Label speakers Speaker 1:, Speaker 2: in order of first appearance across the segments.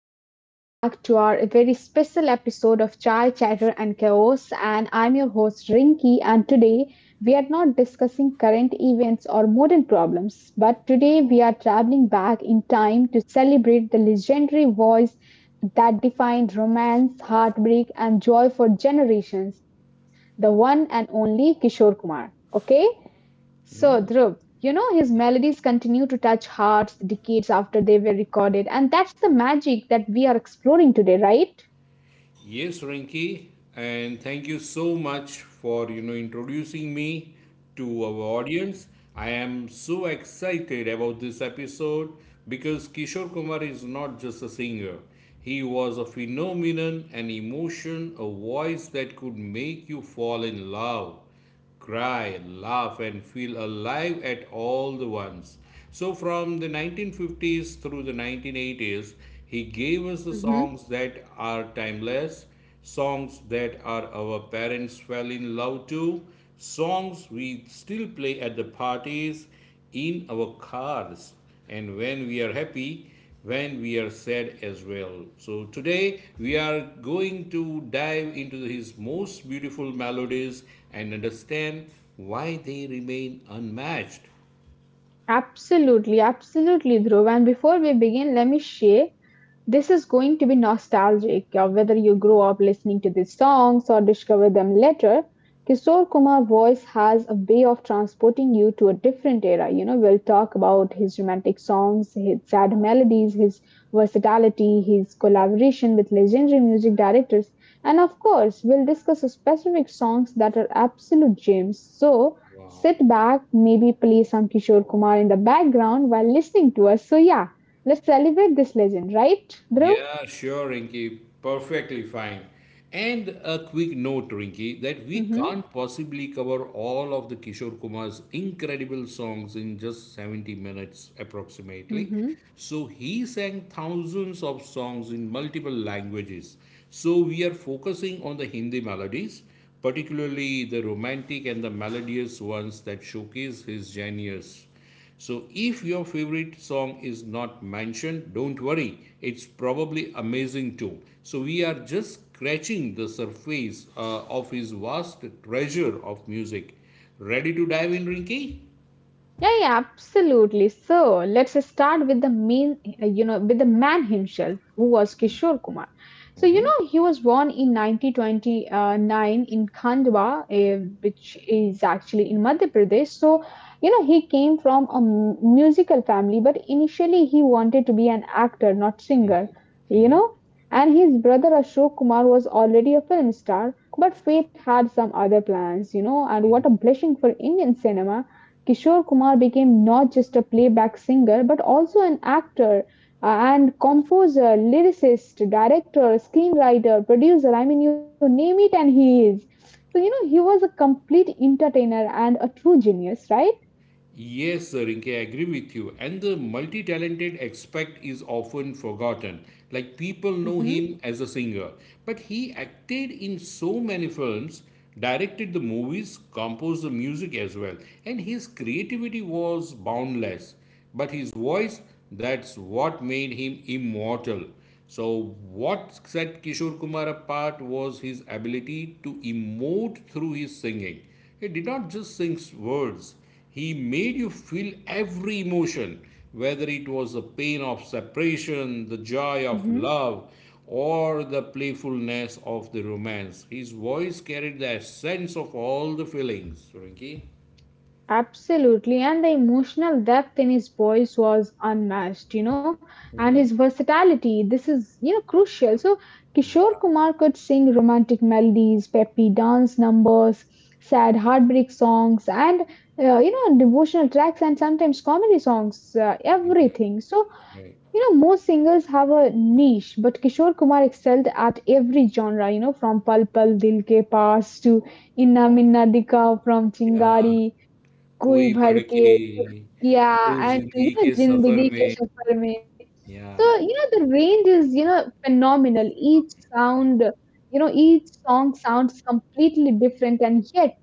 Speaker 1: and welcome back to our very special episode of Chai Chatter and Chaos. And I'm your host Rinki, and today we are not discussing current events or modern problems, but today we are traveling back in time to celebrate the legendary voice that defined romance, heartbreak, and joy for generations, the one and only Kishore Kumar. Okay? So,
Speaker 2: Hmm.
Speaker 1: Dhruv, his melodies continue to touch hearts decades after they were recorded, and that's the magic that we are exploring today, right?
Speaker 2: Yes, Renki, and thank you so much for introducing me to our audience. I am so excited about this episode because Kishore Kumar is not just a singer. He was a phenomenon, an emotion, a voice that could make you fall in love, cry, laugh, and feel alive at all the once. So, from the 1950s through the 1980s, he gave us the
Speaker 1: Hmm.
Speaker 2: songs that are timeless, songs that are our parents fell in love to, songs we still play at the parties, in our cars, and when we are happy, when we are sad as well. So today we are going to dive into his most beautiful melodies and understand why they remain unmatched.
Speaker 1: Absolutely, absolutely, Dhruv. And before we begin, let me share. This is going to be nostalgic, whether you grow up listening to these songs or discover them later. Kishore Kumar's voice has a way of transporting you to a different era. You know, we'll talk about his romantic songs, his sad melodies, his versatility, his collaboration with legendary music directors, and of course, we'll discuss specific songs that are absolute gems. So,
Speaker 2: Wow.
Speaker 1: sit back, maybe play some Kishore Kumar in the background while listening to us. So, yeah, let's celebrate this legend, right, Dhruv?
Speaker 2: Yeah, sure, Rinky. Perfectly fine. And a quick note, Rinky, that we
Speaker 1: Mm-hmm.
Speaker 2: can't possibly cover all of the Kishore Kumar's incredible songs in just 70 minutes approximately.
Speaker 1: Mm-hmm.
Speaker 2: So he sang thousands of songs in multiple languages. So we are focusing on the Hindi melodies, particularly the romantic and the melodious ones that showcase his genius. So, if your favorite song is not mentioned, don't worry, it's probably amazing too. So, we are just scratching the surface of his vast treasure of music. Ready to dive in, Rinki?
Speaker 1: Yeah, yeah, absolutely. So let's start with the main, you know, with the man himself, who was Kishore Kumar. So you know, he was born in 1929 in Khandwa, which is actually in Madhya Pradesh. So you know, he came from a musical family, but initially he wanted to be an actor, not singer. You know, and his brother Ashok Kumar was already a film star, but fate had some other plans. You know, and what a blessing for Indian cinema Kishore Kumar became not just a playback singer but also an actor and composer, lyricist, director, screenwriter, producer. I mean, you name it, and he is. So, you know, he was a complete entertainer and a true genius, right?
Speaker 2: Yes, sir. Rinke, I agree with you. And the multi talented aspect is often forgotten. Like people know
Speaker 1: Mm-hmm.
Speaker 2: him as a singer, but he acted in so many films, directed the movies, composed the music as well. And his creativity was boundless. But his voice, that's what made him immortal. So, what set Kishore Kumar apart was his ability to emote through his singing. He did not just sing words, he made you feel every emotion, whether it was the pain of separation, the joy of love, or the playfulness of the romance. His voice carried the essence of all the feelings. Rinki?
Speaker 1: Absolutely, and the emotional depth in his voice was unmatched, you know, and his versatility. This is, you know, crucial. So, Kishore
Speaker 2: Yeah,
Speaker 1: Kumar could sing romantic melodies, peppy dance numbers, sad heartbreak songs, and, you know, devotional tracks and sometimes comedy songs,
Speaker 2: yeah,
Speaker 1: everything. So,
Speaker 2: right.
Speaker 1: you know, most singers have a niche, but Kishore Kumar excelled at every genre, you know, from Pal Pal Dil Ke Paas to Inna Minna Dika, from
Speaker 2: Yeah,
Speaker 1: Chingari कोई
Speaker 2: कोई
Speaker 1: भर के,
Speaker 2: भड़के
Speaker 1: yeah,
Speaker 2: तो
Speaker 1: and you
Speaker 2: जिंदगी
Speaker 1: know,
Speaker 2: के सफर
Speaker 1: Zindagi Ke
Speaker 2: में,
Speaker 1: Safar Mein. So
Speaker 2: yeah.
Speaker 1: you know the range is you know phenomenal. Each sound, you know, each song sounds completely different and yet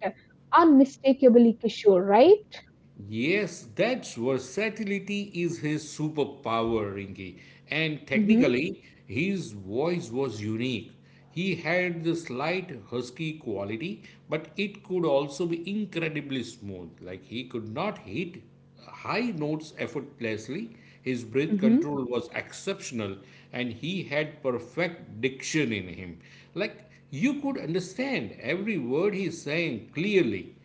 Speaker 1: unmistakably Kishore, right?
Speaker 2: Yes, that's versatility is his superpower, Rinky. And
Speaker 1: Mm-hmm.
Speaker 2: technically, his voice was unique. He had the slight husky quality, but it could also be incredibly smooth. Like he could not hit high notes effortlessly. His breath
Speaker 1: Mm-hmm.
Speaker 2: control was exceptional, and he had perfect diction in him. Like you could understand every word he sang clearly.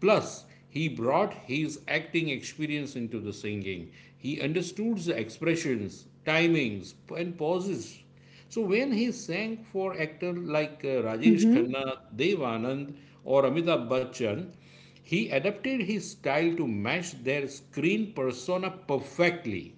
Speaker 2: Plus, he brought his acting experience into the singing. He understood the expressions, timings, and pauses. So when he sang for actors like Rajesh
Speaker 1: Mm-hmm.
Speaker 2: Khanna, Dev Anand, or Amitabh Bachchan, he adapted his style to match their screen persona perfectly.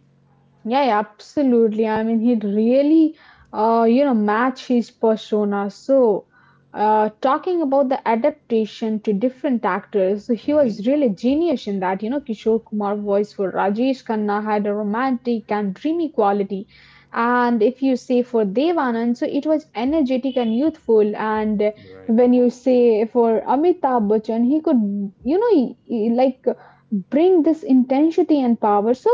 Speaker 1: Yeah, yeah, absolutely. I mean, he'd really, you know, match his persona. So, talking about the adaptation to different actors, so he
Speaker 2: Mhm.
Speaker 1: was really genius in that. You know, Kishore Kumar voice for Rajesh Khanna had a romantic and dreamy quality, and if you say for Devanand, so it was energetic and youthful. And
Speaker 2: Right.
Speaker 1: when you say for Amitabh Bachchan, he could, you know, he, like bring this intensity and power. So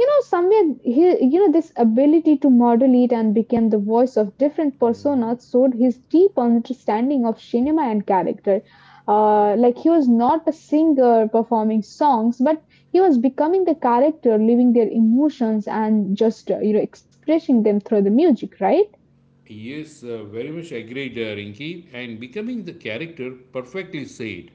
Speaker 1: you know somewhere he you know this ability to model it and become the voice of different personas showed his deep understanding of cinema and character, like he was not a singer performing songs but he was becoming the character living their emotions and just you know expressing them through the music, right?
Speaker 2: Yes, very much agreed, Rinki, and becoming the character perfectly said.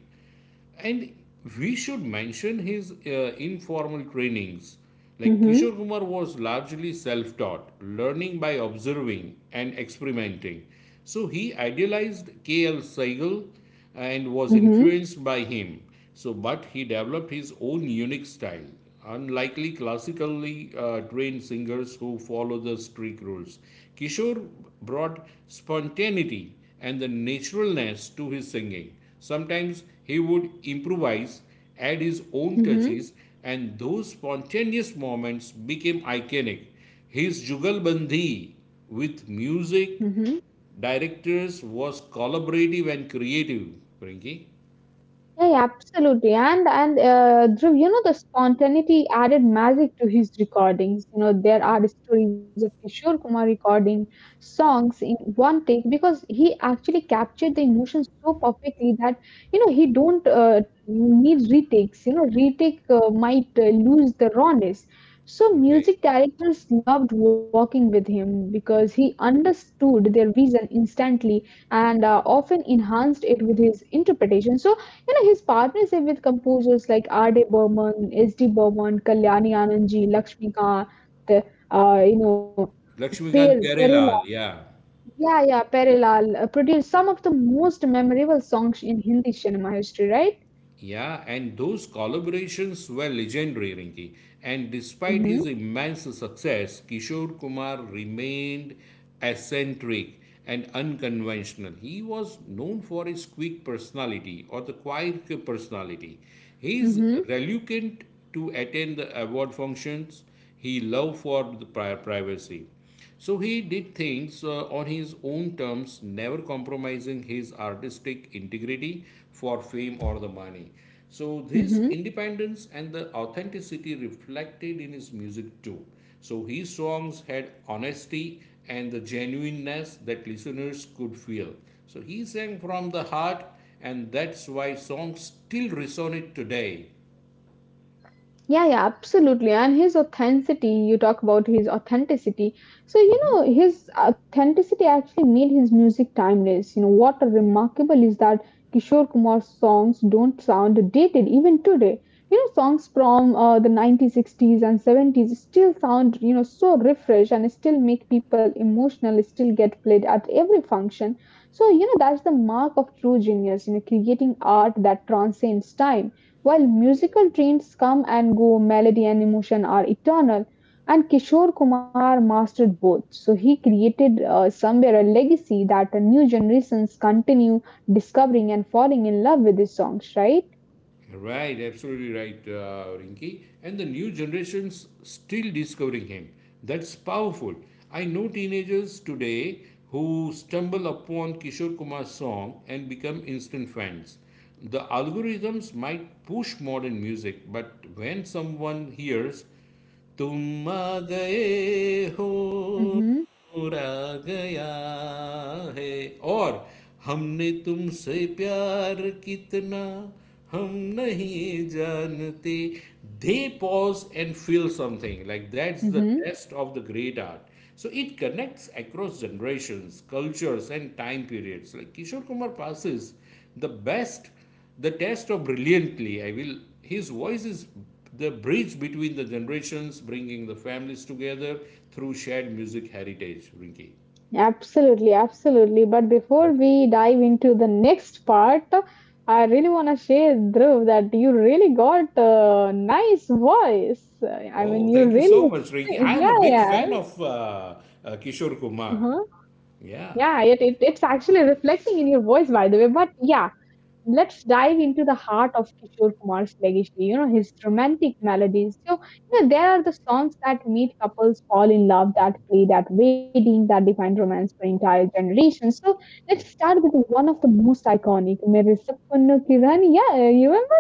Speaker 2: And we should mention his informal trainings. Like
Speaker 1: Mm-hmm.
Speaker 2: Kishore Kumar was largely self taught, learning by observing and experimenting. So he idealized K.L. Seigel and was
Speaker 1: Mm-hmm.
Speaker 2: influenced by him. So, but he developed his own unique style, unlikely classically trained singers who follow the strict rules. Kishore brought spontaneity and the naturalness to his singing. Sometimes he would improvise, add his own
Speaker 1: Mm-hmm.
Speaker 2: touches, and those spontaneous moments became iconic. His Jugalbandi with music
Speaker 1: Mm-hmm.
Speaker 2: directors was collaborative and creative. Rinki?
Speaker 1: Yeah, yeah, absolutely. And Dhruv, you know, the spontaneity added magic to his recordings. You know, there are stories of Kishore Kumar recording songs in one take because he actually captured the emotions so perfectly that you know he don't need retakes. You know, retake might lose the rawness. So
Speaker 2: Right.
Speaker 1: music directors loved working with him because he understood their vision instantly and often enhanced it with his interpretation. So you know, his partnership with composers like R.D. Burman, S.D. Burman, Kalyani Anandji, Lakshmikant, you know,
Speaker 2: Lakshmikant
Speaker 1: Peril,
Speaker 2: Karelal, yeah.
Speaker 1: yeah, yeah, Perilal, produced some of the most memorable songs in Hindi cinema history, right?
Speaker 2: Yeah, and those collaborations were legendary, Rinki. And despite
Speaker 1: Mm-hmm.
Speaker 2: his immense success, Kishore Kumar remained eccentric and unconventional. He was known for his quick personality or the quiet personality. He is
Speaker 1: Mm-hmm.
Speaker 2: reluctant to attend the award functions. He loved for the privacy. So he did things on his own terms, never compromising his artistic integrity for fame or the money. So this
Speaker 1: Mm-hmm.
Speaker 2: independence and the authenticity reflected in his music too. So his songs had honesty and the genuineness that listeners could feel. So he sang from the heart, and that's why songs still resonate today.
Speaker 1: Yeah, yeah, absolutely. And his authenticity, you talk about his authenticity. So, you know, his authenticity actually made his music timeless. You know, what remarkable is that Kishore Kumar's songs don't sound dated even today. You know, songs from the 1960s and 70s still sound, you know, so refreshed and still make people emotional, still get played at every function. So, you know, that's the mark of true genius, you know, creating art that transcends time while
Speaker 2: Hmm.
Speaker 1: musical trends come and go, melody and emotion are eternal, and Kishore Kumar mastered both. So he created somewhere a legacy that the new generations continue discovering and falling in love with his songs, right?
Speaker 2: Right, absolutely right, Rinki. And the new generations still discovering him. That's powerful. I know teenagers today who stumble upon Kishore Kumar's song and become instant fans. The algorithms might push modern music, but when someone hears तुम आ गए हो
Speaker 1: Mm-hmm.
Speaker 2: चोरा गया है और हमने तुमसे प्यार कितना हम नहीं जानते, they pause and feel something, like that's the
Speaker 1: Mm-hmm.
Speaker 2: test of the great art. So it connects across generations, cultures, and time periods. Like Kishore Kumar passes the best. The test of brilliantly, I will. His voice is the bridge between the generations, bringing the families together through shared music heritage. Rinki.
Speaker 1: Absolutely, absolutely. But before we dive into the next part, I really want to share, Dhruv, that you really got a nice voice. I
Speaker 2: Oh,
Speaker 1: mean, you
Speaker 2: thank you so
Speaker 1: really,
Speaker 2: much, Rinki. I am a big
Speaker 1: yeah,
Speaker 2: fan of Kishore
Speaker 1: yeah.
Speaker 2: Kumar. Yeah.
Speaker 1: Yeah, it's actually reflecting in your voice, by the way. But yeah, let's dive into the heart of Kishore Kumar's legacy, you know, his romantic melodies. So, you know, there are the songs that meet couples fall in love, that played at wedding, that defined romance for entire generations. So let's start with one of the most iconic, Mere Sapno Kirani. Yeah, you remember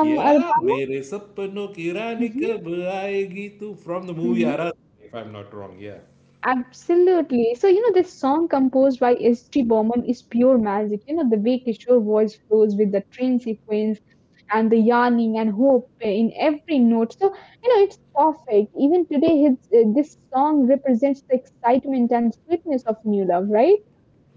Speaker 1: from Arbaaz?
Speaker 2: मेरे सपनों की रानी
Speaker 1: Mhm.
Speaker 2: कब आएगी तू. From the movie
Speaker 1: Mhm.
Speaker 2: Ara, if I am not wrong, yeah.
Speaker 1: Absolutely. So, you know, this song composed by S.T. Borman is pure magic. You know, the way Kishore voice flows with the train sequence and the yearning and hope in every note. So, you know, it's perfect. Even today, his, this song represents the excitement and sweetness of new love, right?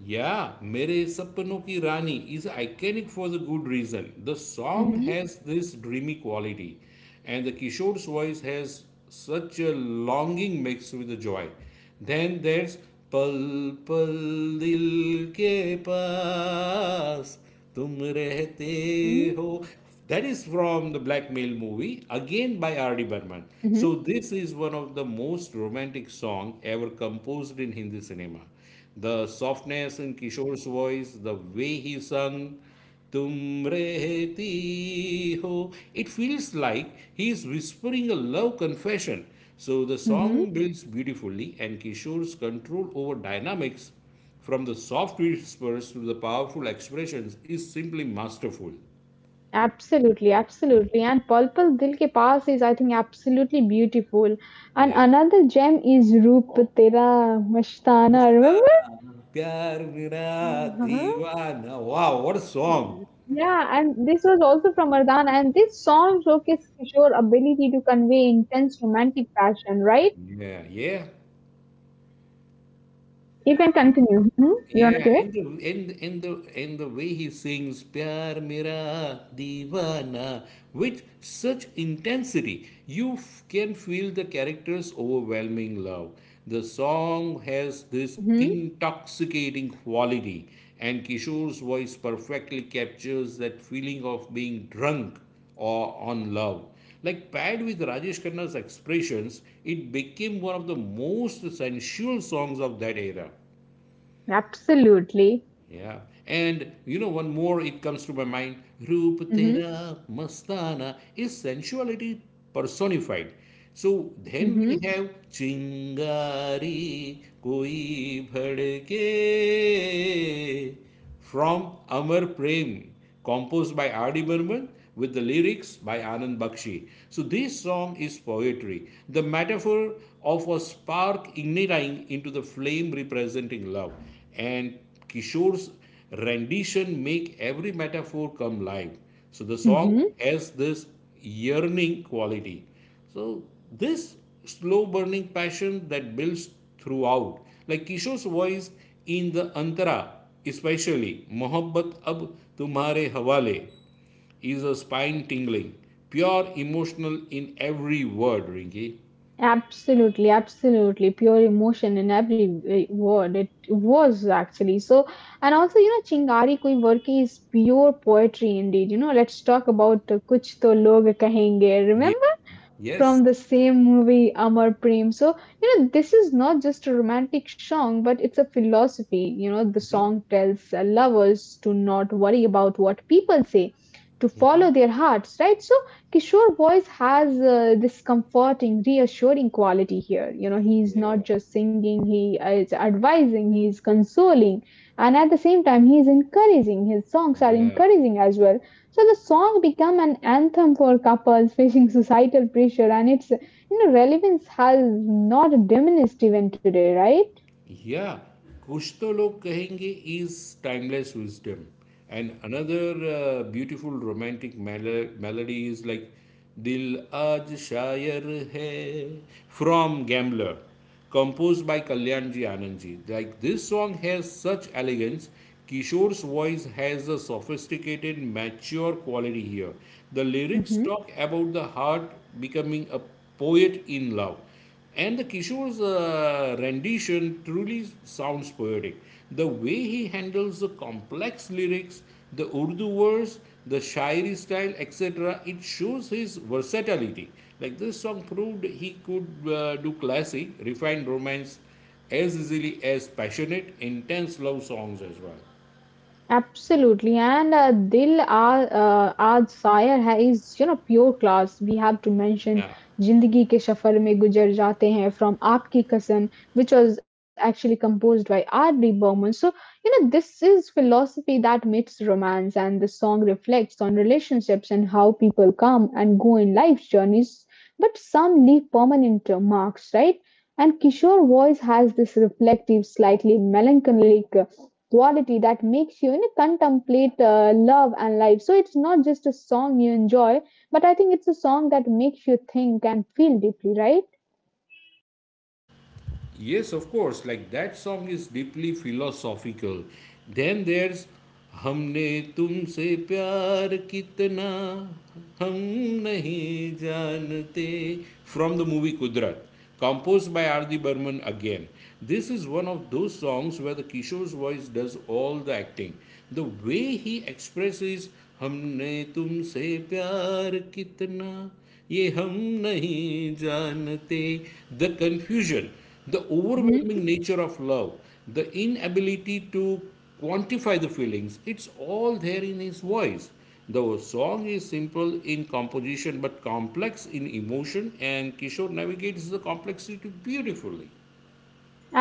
Speaker 2: Yeah, Mere Sapno Ki Rani is iconic for the good reason. The song
Speaker 1: Mm-hmm.
Speaker 2: has this dreamy quality, and the Kishore's voice has such a longing mixed with the joy. Then there's Pal Pal Dil Ke Paas
Speaker 1: Mm-hmm.
Speaker 2: Tum Rehte Ho. That is from the Blackmail movie, again by R.D.
Speaker 1: Mm-hmm.
Speaker 2: Burman. So this is one of the most romantic song ever composed in Hindi cinema. The softness in Kishore's voice, the way he sung, Tum rehti ho, it feels like he is whispering a love confession. So the
Speaker 1: Mm-hmm.
Speaker 2: song builds beautifully, and Kishore's control over dynamics from the soft whispers to the powerful expressions is simply masterful.
Speaker 1: Absolutely, absolutely. And Purple Dil Ke Paas is, I think, absolutely beautiful. And
Speaker 2: Yeah.
Speaker 1: another gem is Roop Tera Mastana. Remember
Speaker 2: Mastana Pyar Mera
Speaker 1: uh
Speaker 2: Deewana. Wow, what a song!
Speaker 1: yeah, and this was also from Ardan, and this song showcased Kishore's ability to convey intense romantic passion, right?
Speaker 2: Yeah, yeah.
Speaker 1: You can continue. Hmm. You want to
Speaker 2: Yeah,
Speaker 1: say?
Speaker 2: and the way he sings "Pyar Mera Deewana" with such intensity, you can feel the character's overwhelming love. The song has this
Speaker 1: Hmm.
Speaker 2: intoxicating quality, and Kishore's voice perfectly captures that feeling of being drunk or on love. Like paired with Rajesh Khanna's expressions, it became one of the most sensual songs of that era.
Speaker 1: Absolutely.
Speaker 2: Yeah. And you know, one more it comes to my mind. Roop
Speaker 1: Hmm.
Speaker 2: Tera Mastana is sensuality personified. So then
Speaker 1: Hmm.
Speaker 2: we have Chingari Koi Bhadke from Amar Prem, composed by R.D. Burman, with the lyrics by Anand Bakshi. So this song is poetry, the metaphor of a spark igniting into the flame representing love. And Kishore's rendition make every metaphor come live. So the
Speaker 1: Hmm.
Speaker 2: song has this yearning quality. So this slow burning passion that builds throughout, like Kishore's voice in the Antara, especially Mohabbat Ab Tumhare Hawale, is a spine tingling, pure emotional in every word, Rinki.
Speaker 1: Absolutely, absolutely. Pure emotion in every word. It was actually so. And also, you know, Chingari Koi Varki is pure poetry indeed. You know, let's talk about Kuch To Log Kahenge.
Speaker 2: Yeah.
Speaker 1: Remember?
Speaker 2: Yes.
Speaker 1: From the same movie Amar Prem. So, you know, this is not just a romantic song, but it's a philosophy. You know, the song tells lovers to not worry about what people say, to follow their hearts, right? So, Kishore voice has this comforting, reassuring quality here. You know, he's not
Speaker 2: Yeah.
Speaker 1: just singing, he is advising, he's consoling, and at the same time, he's encouraging. His songs are
Speaker 2: Yeah.
Speaker 1: encouraging as well, so the song became an anthem for couples facing societal pressure and its you know relevance has not diminished even today, right?
Speaker 2: Yeah, कुछ तो लोग कहेंगे is timeless wisdom, and another beautiful romantic melody is like दिल आज शायर है from Gambler, composed by Kalyan ji Anand ji. Like this song has such elegance. Kishore's voice has a sophisticated, mature quality here. The lyrics
Speaker 1: Mhm.
Speaker 2: talk about the heart becoming a poet in love. And the Kishore's rendition truly sounds poetic. The way he handles the complex lyrics, the Urdu verse, the Shairi style, etc., it shows his versatility. Like this song proved he could do classic, refined romance as easily as passionate, intense love songs as well.
Speaker 1: Absolutely, and Dil Aar Aaj Sayer Hai is you know pure class. We have to mention
Speaker 2: Yeah.
Speaker 1: Zindagi Ke Safar Mein Gujar Jaate Hain from Aapki Kasam, which was actually composed by R.D. Burman. So you know this is philosophy that meets romance, and the song reflects on relationships and how people come and go in life's journeys, but some leave permanent marks, right? And Kishore voice has this reflective, slightly melancholic quality that makes you, you know, contemplate love and life. So it's not just a song you enjoy, but I think it's a song that makes you think and feel deeply, right?
Speaker 2: Yes, of course. Like that song is deeply philosophical. Then there's हमने तुमसे प्यार कितना हम नहीं जानते from the movie Kudrat, composed by R.D. Burman again. This is one of those songs where the Kishore's voice does all the acting. The way he expresses हमने तुमसे प्यार कितना ये हम नहीं जानते, the confusion, the overwhelming nature of love, the inability to quantify the feelings, it's all there in his voice. The song is simple in composition but complex in emotion, and Kishore navigates the complexity beautifully.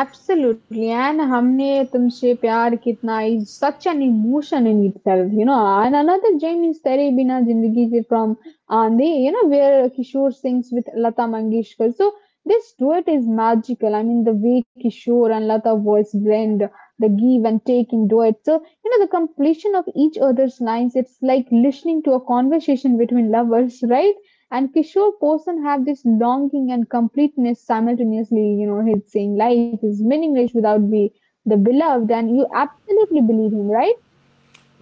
Speaker 1: Absolutely, and "Humne Tumse Pyar Kitna" is such an emotion in itself, you know. And another gem is "Tere Bina Zindagi Se" from Aandhi, you know, where Kishore sings with Lata Mangeshkar. So this duet is magical. I mean, the way Kishore and Lata voice blend, the give and take in duet. So you know, the completion of each other's lines. It's like listening to a conversation between lovers, right? And Kishore person have this longing and completeness simultaneously, you know, he's saying life is meaningless without the beloved, and you absolutely believe him, right?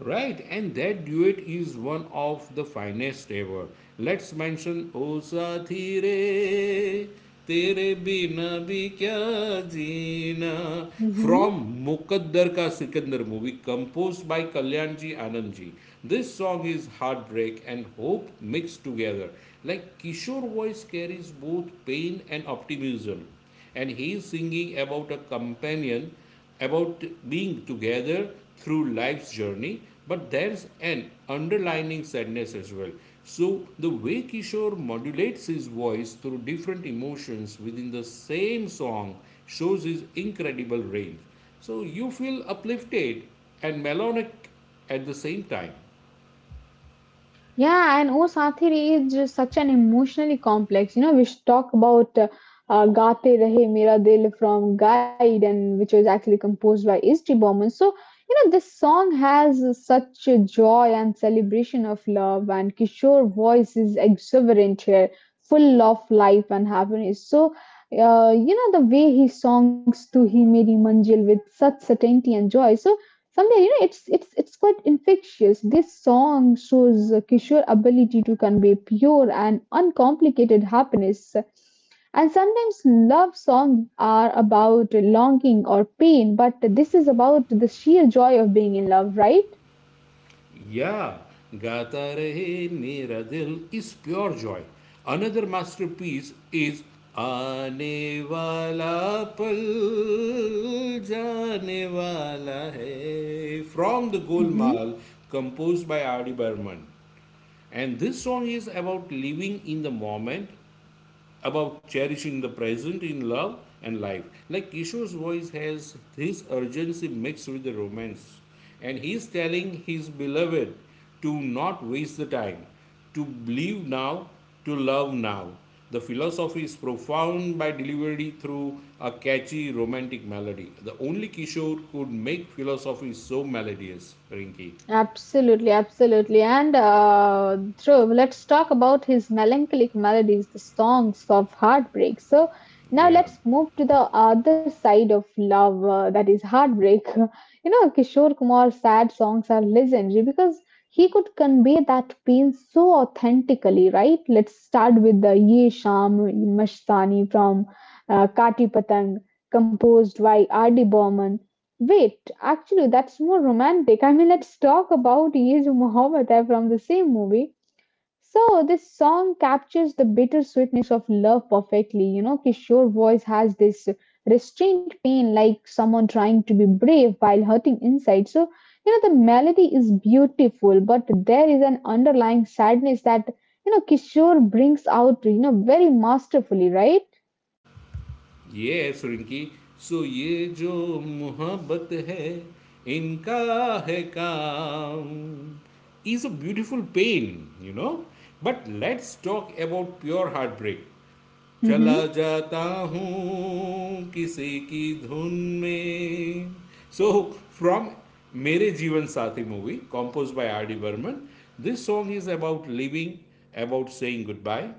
Speaker 2: Right, and that duet is one of the finest ever. Let's mention O Sathi Re, Tere Bina Bhi Kya Jeena
Speaker 1: Mm-hmm.
Speaker 2: from Mukaddar Ka Sikandar movie, composed by Kalyanji Anandji. This song is heartbreak and hope mixed together. Like Kishore voice carries both pain and optimism. And he is singing about a companion, about being together through life's journey, but there's an underlining sadness as well. So, the way Kishore modulates his voice through different emotions within the same song shows his incredible range. So, you feel uplifted and melodic at the same time.
Speaker 1: Yeah, and O Sathiri is just such an emotionally complex. You know, we should talk about Gaate Rahe Mera Dil from Guide, and which was actually composed by S.T. Burman. So, you know, this song has such a joy and celebration of love, and Kishore voice is exuberant here, full of life and happiness. So, you know, the way he songs to He Meri Manjil with such certainty and joy. So, somewhere, you know, it's quite infectious. This song shows Kishore ability to convey pure and uncomplicated happiness. And sometimes love songs are about longing or pain, but this is about the sheer joy of being in love, right?
Speaker 2: Yeah, Gata Rahe Mera Dil is pure joy. Another masterpiece is "Aane Wala Pal" जाने wala hai from the
Speaker 1: Mm-hmm.
Speaker 2: Golmaal, composed by R.D. Burman. And this song is about living in the moment, about cherishing the present in love and life. Like Kishore's voice has his urgency mixed with the romance, and he is telling his beloved to not waste the time, to believe now, to love now. The philosophy is profound by delivery through a catchy romantic melody. The only Kishore could make philosophy so melodious, Rinki.
Speaker 1: Absolutely, absolutely. And Dhruv, let's talk about his melancholic melodies, the songs of heartbreak. So now
Speaker 2: Yeah.
Speaker 1: let's move to the other side of love, that is heartbreak. You know, Kishore Kumar's sad songs are legendary because he could convey that pain so authentically, right? Let's start with the Ye Sham Mastani from Kati Patang, composed by R.D. Burman. Wait, actually, that's more romantic. I mean, let's talk about Ye Jo Mohabbat Hai from the same movie. So, this song captures the bittersweetness of love perfectly. You know, Kishore voice has this restrained pain, like someone trying to be brave while hurting inside. So, you know, the melody is beautiful, but there is an underlying sadness that you know Kishore brings out, you know, very masterfully, right?
Speaker 2: ये है सुरिंकी सो ये जो मोहब्बत है इनका है काम is a beautiful pain you know but let's talk about pure heart break चला जाता हूँ किसी की धुन में so from Mere Jeevan Saathi movie compose by R D Burman this song is about living about saying goodbye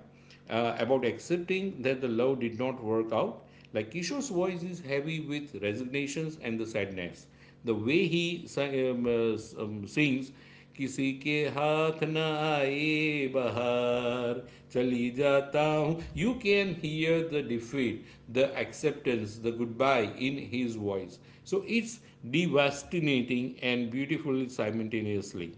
Speaker 2: about accepting that the love did not work out, like Kishore's voice is heavy with resignations and the sadness. The way he um, uh, sings, किसी के हाथ ना आए बहार चली जाता हूँ you can hear the defeat, the acceptance, the goodbye in his voice. So it's devastating and beautiful simultaneously.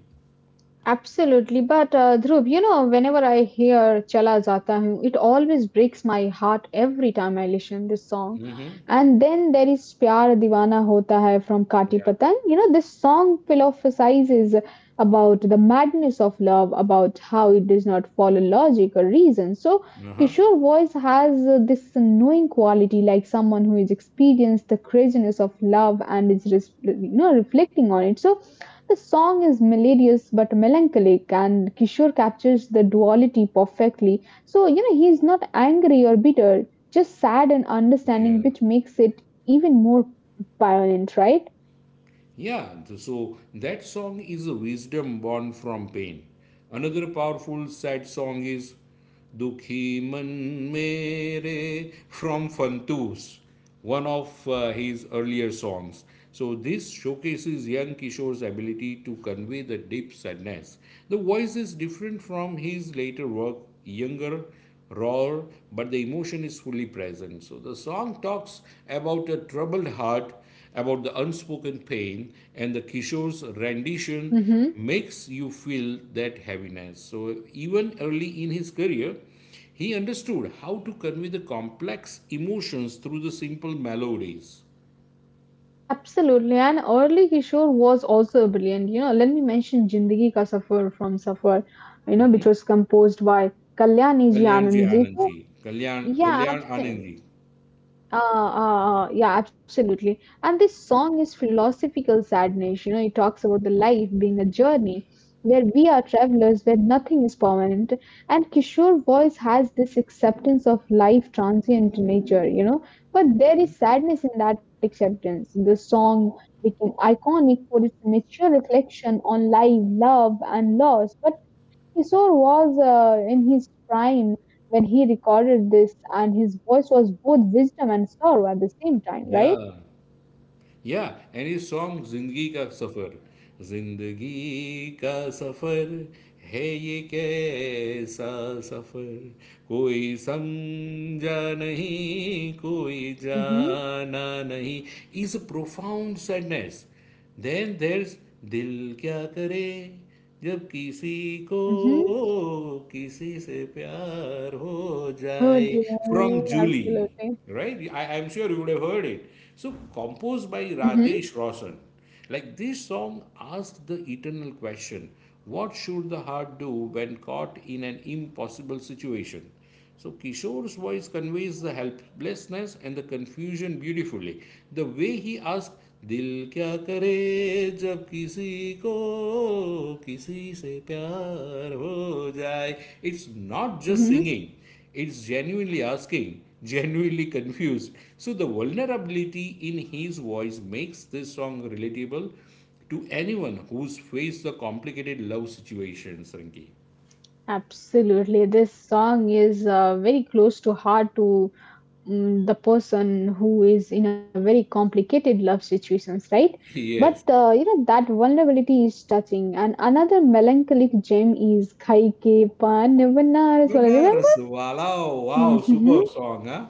Speaker 1: Absolutely. But Dhruv, you know, whenever I hear Chala Jata Hu, it always breaks my heart every time I listen this song.
Speaker 2: Mm-hmm.
Speaker 1: And then there is Pyar Diwana Hota Hai from Kati Patang. You know, this song philosophizes about the madness of love, about how it does not follow logic or reason. So
Speaker 2: Uh-huh.
Speaker 1: Kishore voice has this knowing quality, like someone who has experienced the craziness of love and is, you know, reflecting on it. So the song is melodious but melancholic, and Kishore captures the duality perfectly. So, you know, he's not angry or bitter, just sad and understanding,
Speaker 2: Yeah.
Speaker 1: which makes it even more poignant, right?
Speaker 2: Yeah, so that song is a wisdom born from pain. Another powerful sad song is Dukhi Man Mere from Fantus, one of his earlier songs. So this showcases young Kishore's ability to convey the deep sadness. The voice is different from his later work, younger raw, but the emotion is fully present. So the song talks about a troubled heart, about the unspoken pain, and the Kishore's rendition
Speaker 1: Mm-hmm.
Speaker 2: makes you feel that heaviness. So even early in his career, he understood how to convey the complex emotions through the simple melodies.
Speaker 1: Yeah, absolutely. And early Kishore was also brilliant. You know, let me mention Jindagi Ka Safar from Safar, you know, which was composed by Kalyani Ji
Speaker 2: Kalyan Ji
Speaker 1: Anand ji.
Speaker 2: Anand
Speaker 1: So,
Speaker 2: ji. Kalyan,
Speaker 1: yeah,
Speaker 2: Kalyan Anand
Speaker 1: absolutely.
Speaker 2: ji.
Speaker 1: Yeah, absolutely. And this song is philosophical sadness. You know, it talks about the life being a journey where we are travelers, where nothing is permanent. And Kishore voice has this acceptance of life transient nature, you know, but there is sadness in that acceptance. The song became iconic for its mature reflection on life, love, and loss. But Kishore was in his prime when he recorded this, and his voice was both wisdom and sorrow at the same time, right?
Speaker 2: Yeah. या any song जिंदगी का सफर है ये कैसा सफर कोई समझा नहीं कोई
Speaker 1: Mm-hmm.
Speaker 2: जाना नहीं is profound sadness, then there's दिल क्या करे जब किसी को
Speaker 1: Mm-hmm.
Speaker 2: किसी से प्यार हो
Speaker 1: Oh,
Speaker 2: जाए from
Speaker 1: you.
Speaker 2: Julie,
Speaker 1: Absolutely.
Speaker 2: right? I'm sure you would have heard it. So, composed by
Speaker 1: Mm-hmm.
Speaker 2: Rajesh Roshan. Like this song asks the eternal question, what should the heart do when caught in an impossible situation? So Kishore's voice conveys the helplessness and the confusion beautifully. The way he asks, "Dil kya kare?" जब किसी को किसी से प्यार हो जाए. It's not just
Speaker 1: Mm-hmm.
Speaker 2: singing. It's genuinely asking, genuinely confused. So the vulnerability in his voice makes this song relatable to anyone who's faced the complicated love situations, Rinki.
Speaker 1: Absolutely. This song is very close to heart to the person who is in a very complicated love situations, right? But
Speaker 2: Yes.
Speaker 1: you know that vulnerability is touching. And another melancholic gem is Kai Ke Paan Vanna.
Speaker 2: Benar, Walau, wow,
Speaker 1: Mhm.
Speaker 2: super song, huh?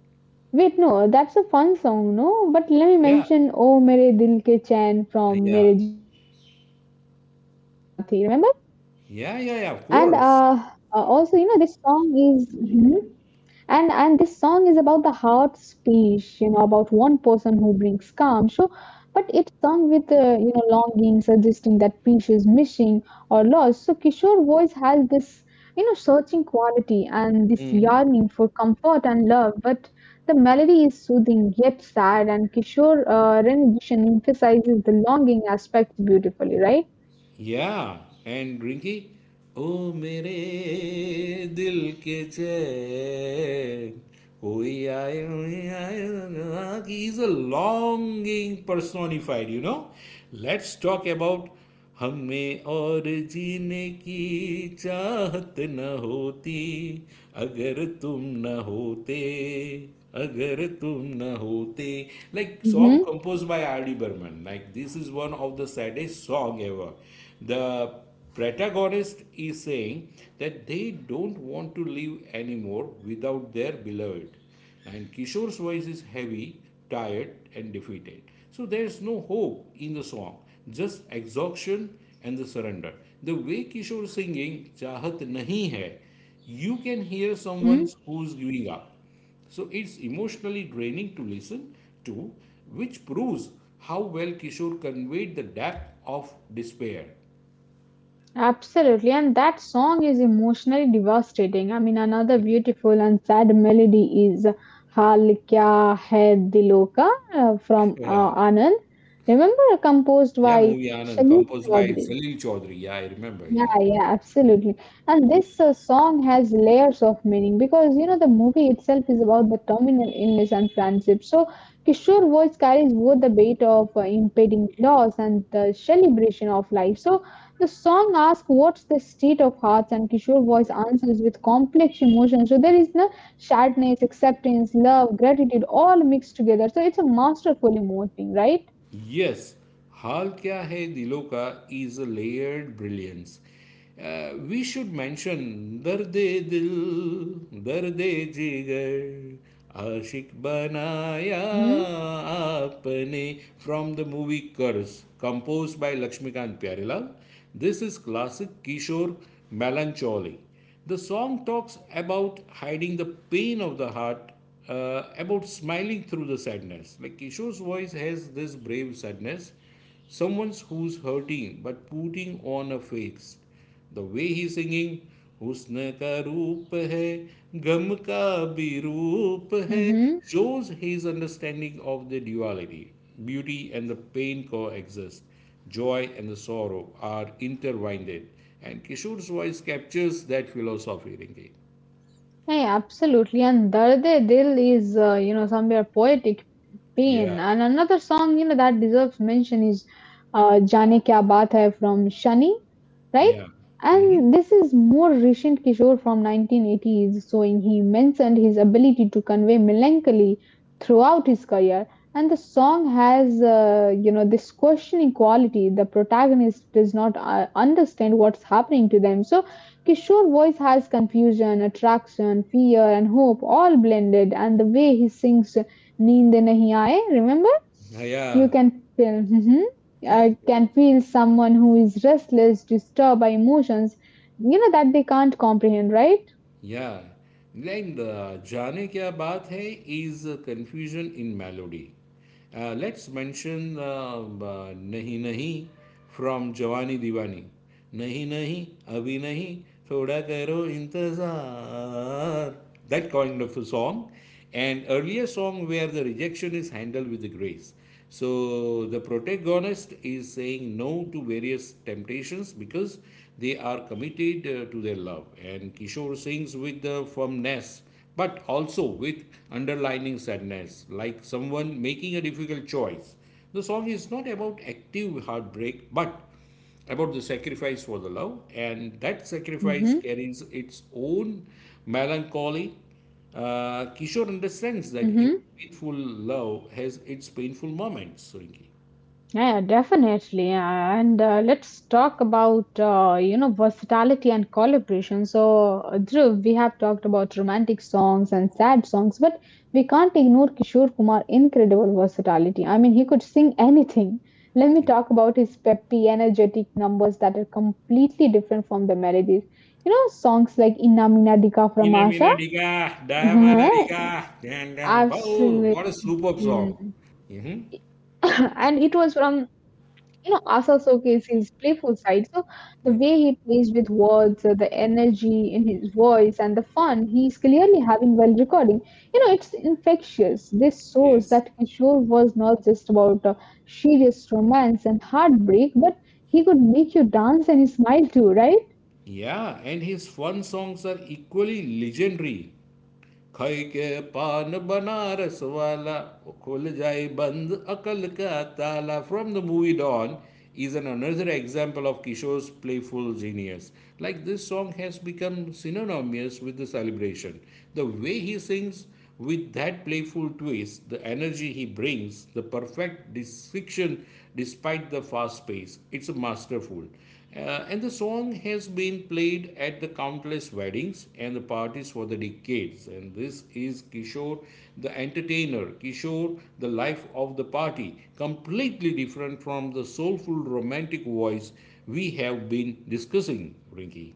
Speaker 1: Wait, no, that's a fun song, no? But let me
Speaker 2: Yeah,
Speaker 1: mention "Oh, Mere Dil Ke Chain" from
Speaker 2: yeah,
Speaker 1: "Mere Jeevan Sathi." Remember?
Speaker 2: yeah,
Speaker 1: And
Speaker 2: yeah, yeah, of course.
Speaker 1: also, you know, this song is. Mhm. And this song is about the heart speech, you know, about one person who brings calm. So, but it's sung with you know longing, suggesting that peace is missing or lost. So Kishore voice has this you know searching quality and this
Speaker 2: Mhm.
Speaker 1: yearning for comfort and love. But the melody is soothing yet sad, and Kishore rendition emphasizes the longing aspect beautifully, right?
Speaker 2: Yeah, and Rinky, ओ मेरे दिल के चैन कोई आए आए, he is a longing personified, you know. Let's talk about हमें और जीने की चाहत न होती अगर तुम न होते अगर तुम न होते, like song
Speaker 1: Mm-hmm.
Speaker 2: composed by R.D. Burman. Like this is one of the saddest song ever. The protagonist is saying that they don't want to live anymore without their beloved. And Kishore's voice is heavy, tired, and defeated. So there's no hope in the song, just exhaustion and the surrender. The way Kishore is singing Chahat Nahi Hai, you can hear someone
Speaker 1: Mm-hmm.
Speaker 2: who's giving up. So it's emotionally draining to listen to, which proves how well Kishore conveyed the depth of despair.
Speaker 1: Absolutely, and that song is emotionally devastating. I mean, another beautiful and sad melody is "Haal Kya Hai Dilo Ka" from
Speaker 2: Yeah,
Speaker 1: Anand. Remember, composed
Speaker 2: yeah,
Speaker 1: by
Speaker 2: movie Anand,
Speaker 1: Shaleen
Speaker 2: composed by
Speaker 1: Chaudhary.
Speaker 2: Salil Chaudhary. Yeah, I remember.
Speaker 1: Yeah,
Speaker 2: Yeah,
Speaker 1: yeah, absolutely. And this song has layers of meaning because you know the movie itself is about the terminal illness and friendship. So Kishore voice carries both the weight of impending loss and the celebration of life. So the song asks, "What's the state of hearts?" and Kishore voice
Speaker 2: right.
Speaker 1: answers with complex emotions. So there is no sadness, acceptance, love, gratitude, all mixed together. So it's a masterful emoting, right?
Speaker 2: Yes हाल क्या है दिलों का is a layered brilliance. We should mention दर्द दिल दर्द जिगर आशिक बनाया
Speaker 1: Mm-hmm.
Speaker 2: आपने from the movie Karz compose by Laxmikant Pyarelal. This is classic Kishore melancholy. The song talks about hiding the pain of the heart, about smiling through the sadness. Like Kishore's voice has this brave sadness, someone who's hurting but putting on a face. The way he's singing, हुस्न ka roop hai, गम ka bhi roop hai,"
Speaker 1: Mm-hmm.
Speaker 2: shows his understanding of the duality. Beauty and the pain coexist. Joy and the sorrow are intertwined. And Kishore's voice captures that philosophy, Rinki.
Speaker 1: Hey, absolutely. And Dard e Dil is, you know, somewhere poetic pain.
Speaker 2: Yeah,
Speaker 1: And another song, you know, that deserves mention is Jaane Kya Baat Hai from Shani, right?
Speaker 2: yeah. Hmm.
Speaker 1: And this is more recent Kishore from 1980s, so in he mentioned his ability to convey melancholy throughout his career. And the song has, you know, this questioning quality. The protagonist does not understand what's happening to them. So Kishore voice has confusion, attraction, fear and hope all blended and the way he sings Neend Nahi Aaye, remember? You
Speaker 2: Yeah,
Speaker 1: can feel mhm. I can
Speaker 2: correct.
Speaker 1: feel someone who is restless, disturbed by emotions, you know that they can't comprehend, right?
Speaker 2: Yeah, like the "Jaane Kya Baat Hai" is a confusion in melody. Let's mention "Nahi Nahi" from "Jawani Diwani." "Nahi Nahi, Abhi Nahi, Thoda Karo Intezar." That kind of a song, and earlier song where the rejection is handled with the grace. So the protagonist is saying no to various temptations because they are committed to their love. And Kishore sings with the firmness, but also with underlining sadness, like someone making a difficult choice. The song is not about active heartbreak, but about the sacrifice for the love, and that sacrifice
Speaker 1: Mm-hmm.
Speaker 2: carries its own melancholy. Kishore understands that even
Speaker 1: Mm-hmm.
Speaker 2: faithful love has its painful moments, Rinki.
Speaker 1: Yeah, definitely. And let's talk about, you know, versatility and collaboration. So, Dhruv, we have talked about romantic songs and sad songs, but we can't ignore Kishore Kumar' incredible versatility. I mean, he could sing anything. Let me
Speaker 2: Yeah.
Speaker 1: talk about his peppy, energetic numbers that are completely different from the melodies. You know, songs like Inna Meena Dika from
Speaker 2: Ina
Speaker 1: Asha?
Speaker 2: Mina Diga, Diamana Diga, Dan Dan Bo.
Speaker 1: Absolutely.
Speaker 2: What a superb song. Hmm.
Speaker 1: And it was from you know, Asa showcased his playful side. So the
Speaker 2: Yeah.
Speaker 1: way he plays with words, the energy in his voice, and the fun he's clearly having while recording, you know, it's infectious. This shows
Speaker 2: Yes.
Speaker 1: that Kishore was not just about serious romance and heartbreak, but he could make you dance and smile too, right?
Speaker 2: Yeah, and his fun songs are equally legendary. खई के पान बनारस वाला वो खुल जाए बंद अकल का ताला from the movie Dawn is an another example of Kishore's playful genius. Like this song has become synonymous with the celebration. The way he sings with that playful twist, the energy he brings, the perfect diction despite the fast pace, it's masterful. And the song has been played at the countless weddings and the parties for the decades. And this is Kishore, the entertainer, Kishore, the life of the party, completely different from the soulful romantic voice we have been discussing, Rinki.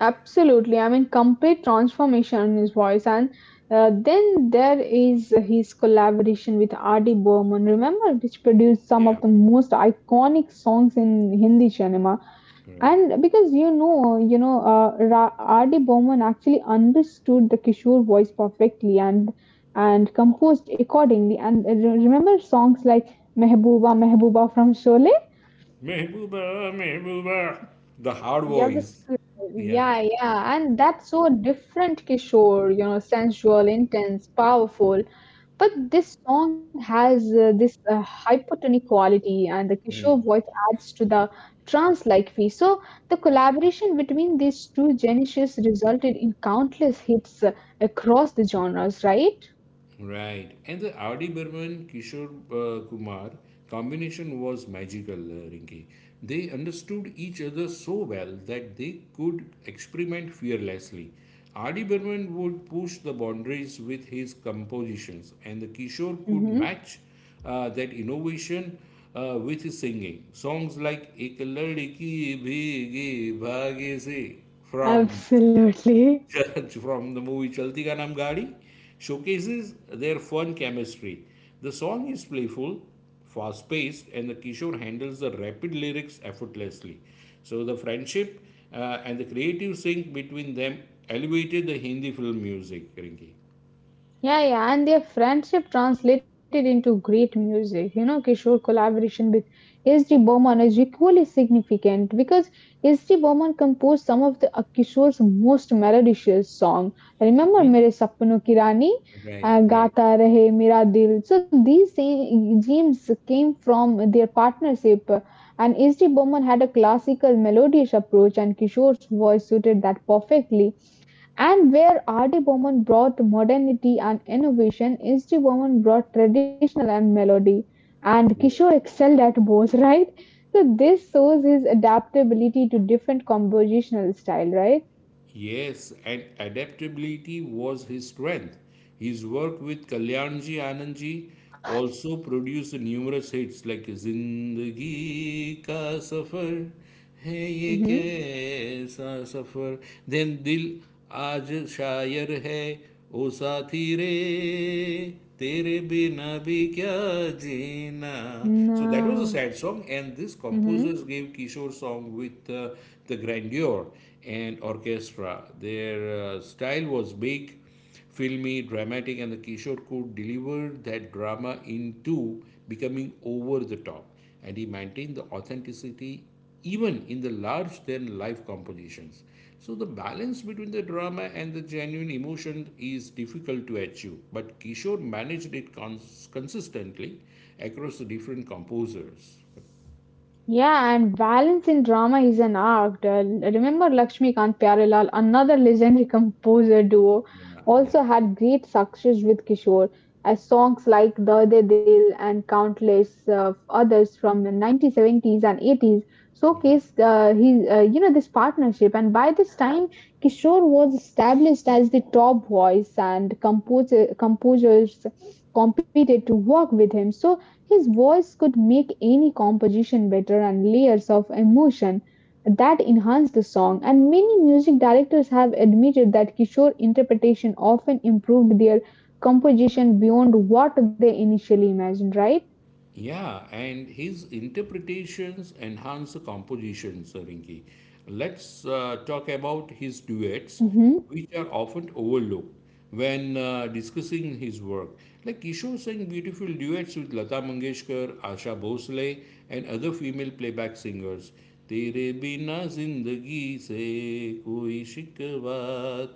Speaker 1: Absolutely, I mean, complete transformation in his voice, and then there is his collaboration with R.D. Burman, remember, which produced some
Speaker 2: Yeah,
Speaker 1: of the most iconic songs in Hindi cinema.
Speaker 2: right.
Speaker 1: And because you know, R.D. Burman actually understood the Kishore voice perfectly and composed accordingly. And remember songs like Mehbooba, Mehbooba from Sholay.
Speaker 2: Mehbooba, Mehbooba. The hard
Speaker 1: Yes,
Speaker 2: voice. Yeah,
Speaker 1: yeah, yeah, and that's so different, Kishore, you know, sensual, intense, powerful. But this song has this hypertonic quality, and the Kishore voice adds to the trance-like feel. So the collaboration between these two geniuses resulted in countless hits across the genres, right?
Speaker 2: right. And the R.D. Burman Kishore Kumar combination was magical, Rinki. They understood each other so well that they could experiment fearlessly. R.D. Burman would push the boundaries with his compositions, and the Kishore could
Speaker 1: Mm-hmm.
Speaker 2: match that innovation with his singing. Songs like Ek Ladki Bhege Bhage Se from
Speaker 1: Absolutely.
Speaker 2: Judge from the movie Chalti Ka Naam Gaadi showcases their fun chemistry. The song is playful, fast paced, and the Kishore handles the rapid lyrics effortlessly. So the friendship and the creative sync between them elevated the Hindi film music, Rinki.
Speaker 1: Yeah, yeah, and their friendship translated into great music. You know, Kishore collaboration with S.D. Burman is equally significant because S.D. Burman composed some of the Kishore's most melodious songs. Remember
Speaker 2: Mhm.
Speaker 1: Mere Sapno Ki Rani,
Speaker 2: Right, right.
Speaker 1: Gata Rahe Mera Dil. So these gems came from their partnership, and S.D. Burman had a classical melodious approach, and Kishore's voice suited that perfectly. And where Artie-Bowman brought modernity and innovation, Eastie-Bowman brought traditional and melody. And
Speaker 2: Yeah.
Speaker 1: Kishore excelled at both, right? So this shows his adaptability to different compositional style, right?
Speaker 2: Yes, and adaptability was his strength. His work with Kalyanji Anandji also produced numerous hits like Zindagi Ka Safar, Hai Ye
Speaker 1: Mm-hmm.
Speaker 2: Kaisa Safar, then Dil Aaj Shayar Hai, ओ साथी रे तेरे बिना भी क्या जीना, so that was a
Speaker 1: Nah.
Speaker 2: sad song, and these
Speaker 1: Mm-hmm.
Speaker 2: composers gave kishore song with the grandeur and orchestra. Their style was big filmy dramatic, and the kishore could deliver that drama into becoming over the top, and he maintained the authenticity even in the large than life compositions. So, the balance between the drama and the genuine emotion is difficult to achieve, but Kishore managed it consistently across the different composers.
Speaker 1: Yeah, and balance in drama is an art. Remember Lakshmikant Pyarelal, another legendary composer duo,
Speaker 2: Yeah, yeah.
Speaker 1: also had great success with Kishore, as songs like dard Dil and countless others from the 1970s and 80s
Speaker 2: Mhm.
Speaker 1: showcased you know, this partnership. And by this time, Kishore was established as the top voice, and composers competed to work with him. So his voice could make any composition better and layers of emotion that enhance the song and many music directors have admitted that Kishore interpretation often improved their composition beyond what they initially imagined, right?
Speaker 2: Yeah, and his interpretations enhance the compositions, Rinki. Let's talk about his duets,
Speaker 1: Mhm.
Speaker 2: which are often overlooked when discussing his work. Like Kishore sang beautiful duets with Lata Mangeshkar, Asha Bhosle, and other female playback singers. तेरे बिना जिंदगी से कोई शिकवा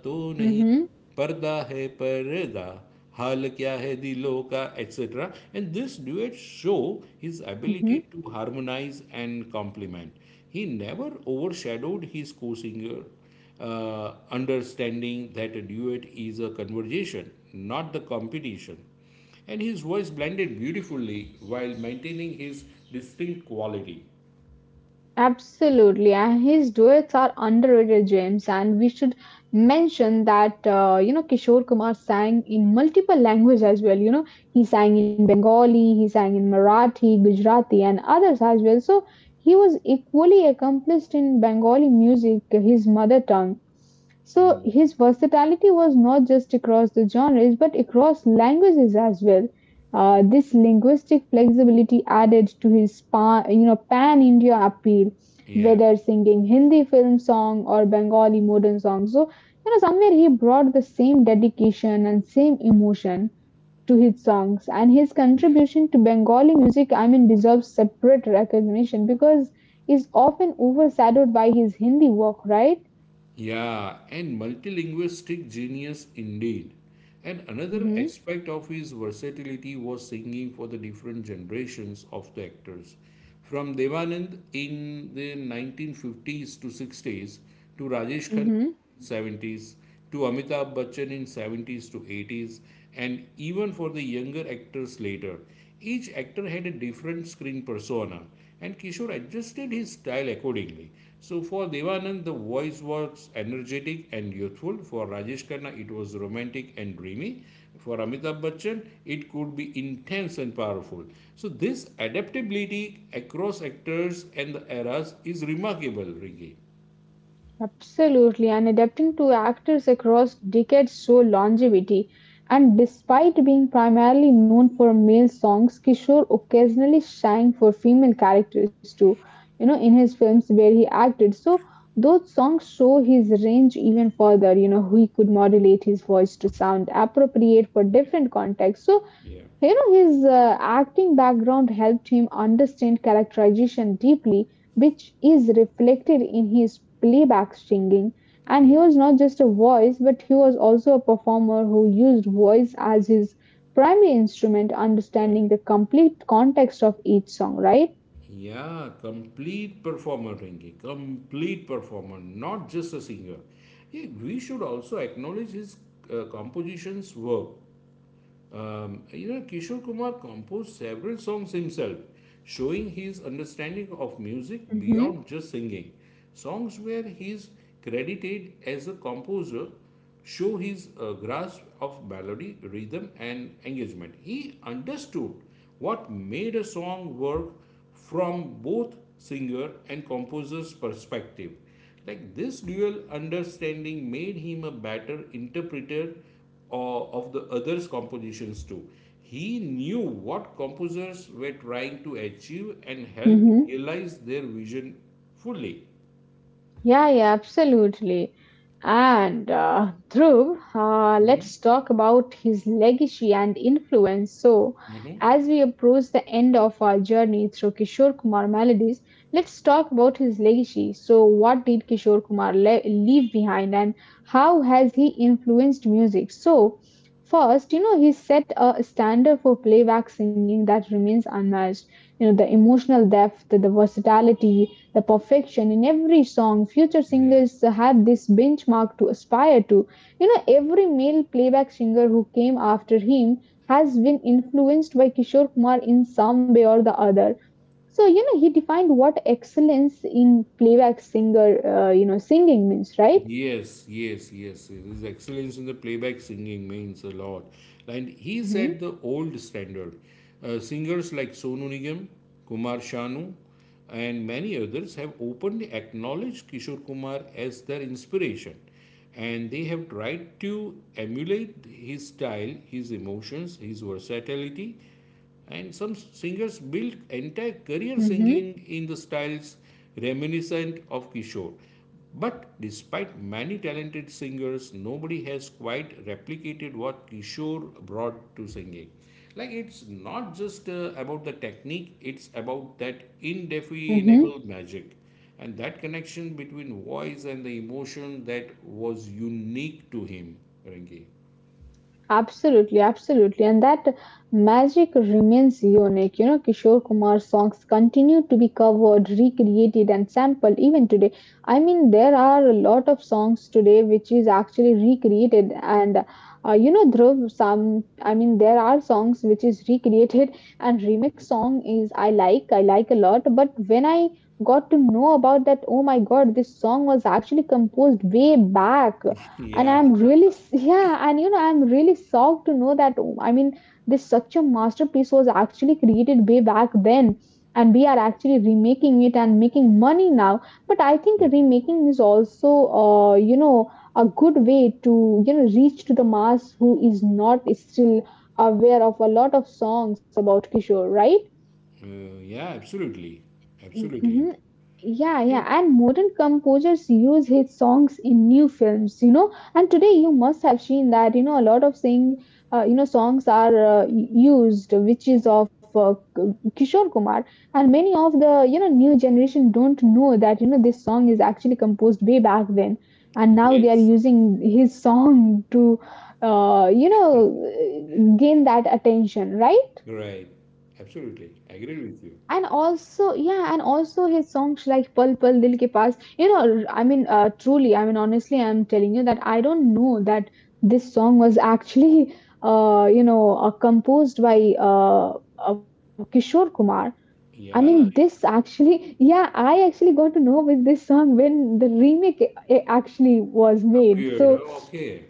Speaker 2: तो नहीं,
Speaker 1: Mhm.
Speaker 2: Parda Hai Parda, Hal Kya Hai Dilo Ka, etc. And this duet show his
Speaker 1: Mhm.
Speaker 2: ability to harmonize and complement. He never overshadowed his co-singer, understanding that a duet is a conversation, not the competition. And his voice blended beautifully while maintaining his distinct quality.
Speaker 1: Absolutely, and his duets are underrated James. And we should mention that you know Kishore Kumar sang in multiple languages as well. You know, he sang in Bengali, he sang in Marathi, Gujarati, and others as well. So he was equally accomplished in Bengali music, his mother tongue. So
Speaker 2: Mm.
Speaker 1: his versatility was not just across the genres but across languages as well. This linguistic flexibility added to his you know pan India appeal,
Speaker 2: Yeah,
Speaker 1: whether singing Hindi film song or Bengali modern song. So you know somewhere he brought the same dedication and same emotion to his songs, and his
Speaker 2: yeah.
Speaker 1: contribution to Bengali music, I mean, deserves separate recognition because is often overshadowed by his Hindi work, right?
Speaker 2: Yeah, and multilinguistic genius indeed. And another
Speaker 1: Mm-hmm.
Speaker 2: aspect of his versatility was singing for the different generations of the actors. From Devanand in the 1950s to 60s, to Rajesh Khanna 70s, to Amitabh Bachchan in 70s to 80s, and even for the younger actors later. Each actor had a different screen persona, and Kishore adjusted his style accordingly. So for Devanand the voice was energetic and youthful, for Rajesh Khanna it was romantic and dreamy, for Amitabh Bachchan it could be intense and powerful. So this adaptability across actors and the eras is remarkable, Ringy.
Speaker 1: Absolutely, and adapting to actors across decades show longevity. And despite being primarily known for male songs, Kishore occasionally sang for female characters too, you know, in his films where he acted. So those songs show his range even further, you know, he could modulate his voice to sound appropriate for
Speaker 2: Yeah,
Speaker 1: different contexts. So
Speaker 2: yeah,
Speaker 1: you know, his acting background helped him understand characterization deeply, which is reflected in his playback singing. And
Speaker 2: yeah.
Speaker 1: he was not just a voice, but he was also a performer who used voice as his primary instrument,
Speaker 2: Right.
Speaker 1: understanding the complete context of each song, right?
Speaker 2: Yeah, complete performer, Rinki. Complete performer, not just a singer. Yeah, we should also acknowledge his compositions work. You know, Kishore Kumar composed several songs himself, showing his understanding of music beyond just singing. Songs where he is credited as a composer show his grasp of melody, rhythm, and engagement. He understood what made a song work from both singer and composer's perspective. Like this dual understanding made him a better interpreter or of the others' compositions too. He knew what composers were trying to achieve and helped
Speaker 1: Mm-hmm.
Speaker 2: realize their vision fully.
Speaker 1: Yeah, yeah, absolutely. And Dhruv,
Speaker 2: Hmm.
Speaker 1: let's talk about his legacy and influence. So,
Speaker 2: Hmm.
Speaker 1: as we approach the end of our journey through Kishore Kumar melodies, let's talk about his legacy. So, what did Kishore Kumar leave behind, and how has he influenced music? So, first, you know, he set a standard for playback singing that remains unmatched. You know, the emotional depth, the versatility, the perfection in every song, future
Speaker 2: Yeah.
Speaker 1: singers have this benchmark to aspire to. You know, every male playback singer who came after him has been influenced by Kishore Kumar in some way or the other. So, you know, he defined what excellence in playback singer, you know, singing means, right?
Speaker 2: Yes, yes, yes, yes. His excellence in the playback singing means a lot. And he set
Speaker 1: Mm-hmm,
Speaker 2: the old standard. Singers like Sonu Nigam, Kumar Sanu, and many others have openly acknowledged Kishore Kumar as their inspiration. And they have tried to emulate his style, his emotions, his versatility, and some singers built entire career singing
Speaker 1: mm-hmm,
Speaker 2: in the styles reminiscent of Kishore. But despite many talented singers, nobody has quite replicated what Kishore brought to singing. Like it's not just about the technique, it's about that
Speaker 1: mm-hmm.
Speaker 2: indefinable magic and that connection between voice and the emotion that was unique to him, Rengi.
Speaker 1: Absolutely, absolutely. And that magic remains unique. You know, Kishore Kumar's songs continue to be covered, recreated, and sampled even today. I mean, there are a lot of songs today which is actually recreated. And, you know, Dhruv, some, I mean, there are songs which is recreated, and remix song is I like a lot. But when I got to know about that, oh my God, this song was actually composed way back and
Speaker 2: Yeah.
Speaker 1: I'm really s- yeah. And you know, I'm really shocked to know that. Oh, I mean, this such a masterpiece was actually created way back then, and we are actually remaking it and making money now. But I think
Speaker 2: Yeah.
Speaker 1: remaking is also you know, a good way to you know reach to the mass who is not still aware of a lot of songs about Kishore, right?
Speaker 2: Yeah, absolutely. Absolutely.
Speaker 1: Mhm. Yeah,
Speaker 2: And
Speaker 1: yeah, and modern composers use his songs in new films, you know. And today you must have seen that, you know, a lot of sing, you know, songs are used, which is of Kishore Kumar, and many of the, you know, new generation don't know that, you know, this song is actually composed way back then, and now they are
Speaker 2: yes,
Speaker 1: using his song to, you know, gain that attention, right?
Speaker 2: right. Absolutely. I agree with you.
Speaker 1: And also, yeah, and also his songs like Pal Pal Dil Ke Paas, you know, I mean, truly, I mean, honestly, I'm telling you that I don't know that this song was actually, you know, composed by Kishore Kumar. I mean,
Speaker 2: Yeah,
Speaker 1: this
Speaker 2: it
Speaker 1: actually, yeah, I actually got to know with this song when the actually was made.
Speaker 2: appeared.
Speaker 1: So,
Speaker 2: Oh, okay.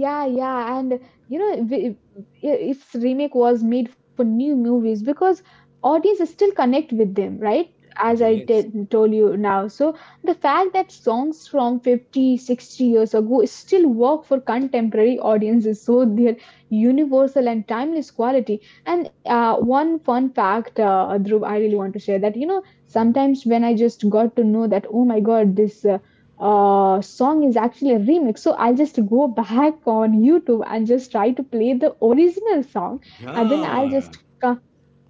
Speaker 1: yeah, yeah, and you know, w- its remake was made for new movies because audiences still connect with them, right? As I
Speaker 2: Yes.
Speaker 1: t- told you now. So the fact that songs from 50, 60 years ago still work for contemporary audiences, so their universal and timeless quality. And one fun fact, Dhruv, I really want to share that, you know, sometimes when I just got to know that, oh my God, this song is actually a remix. So I'll just go back on YouTube and just try to play the original song, and then I'll
Speaker 2: Yeah.
Speaker 1: just come.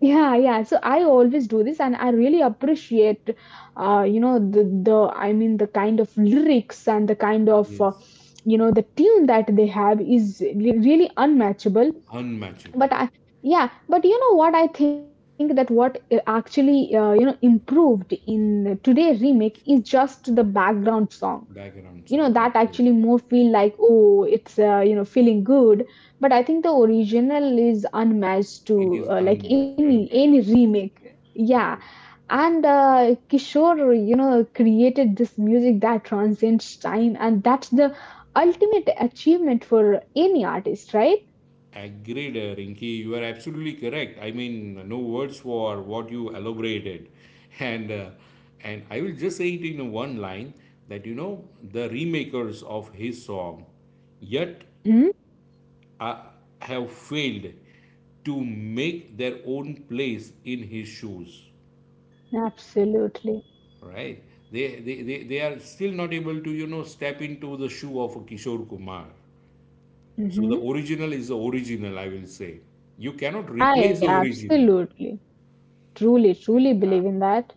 Speaker 1: Yeah, yeah. So I always do this, and I really appreciate, you know, the I mean the kind of lyrics and the kind of,
Speaker 2: Yes.
Speaker 1: you know, the tune that they have is really unmatchable.
Speaker 2: Unmatchable
Speaker 1: But I. Yeah, but you know what, I think that what actually you know improved in today remake is just the background song,
Speaker 2: background
Speaker 1: you know,
Speaker 2: song.
Speaker 1: that
Speaker 2: That's it.
Speaker 1: actually more feel like oh, it's you know, feeling good. But I think the original is unmatched
Speaker 2: It
Speaker 1: to
Speaker 2: is
Speaker 1: like
Speaker 2: unmatched,
Speaker 1: any
Speaker 2: unmatched.
Speaker 1: remake, yeah.
Speaker 2: And
Speaker 1: And Kishore, you know, created this music that transcends time, and that's the ultimate achievement for any artist, right?
Speaker 2: agreed, Rinki. You are absolutely correct. I mean, no words for what you elaborated, and uh, and I will just say it in one line that you know the remakers of his song, yet
Speaker 1: Mm-hmm.
Speaker 2: uh, have failed to make their own place in his shoes.
Speaker 1: Absolutely.
Speaker 2: Right? They are still not able to you know step into the shoe of Kishore Kumar. So the
Speaker 1: Mm-hmm.
Speaker 2: original is the original. I will say you cannot
Speaker 1: Yeah,
Speaker 2: replace
Speaker 1: yeah,
Speaker 2: the original.
Speaker 1: absolutely. Truly believe
Speaker 2: Yeah,
Speaker 1: in that.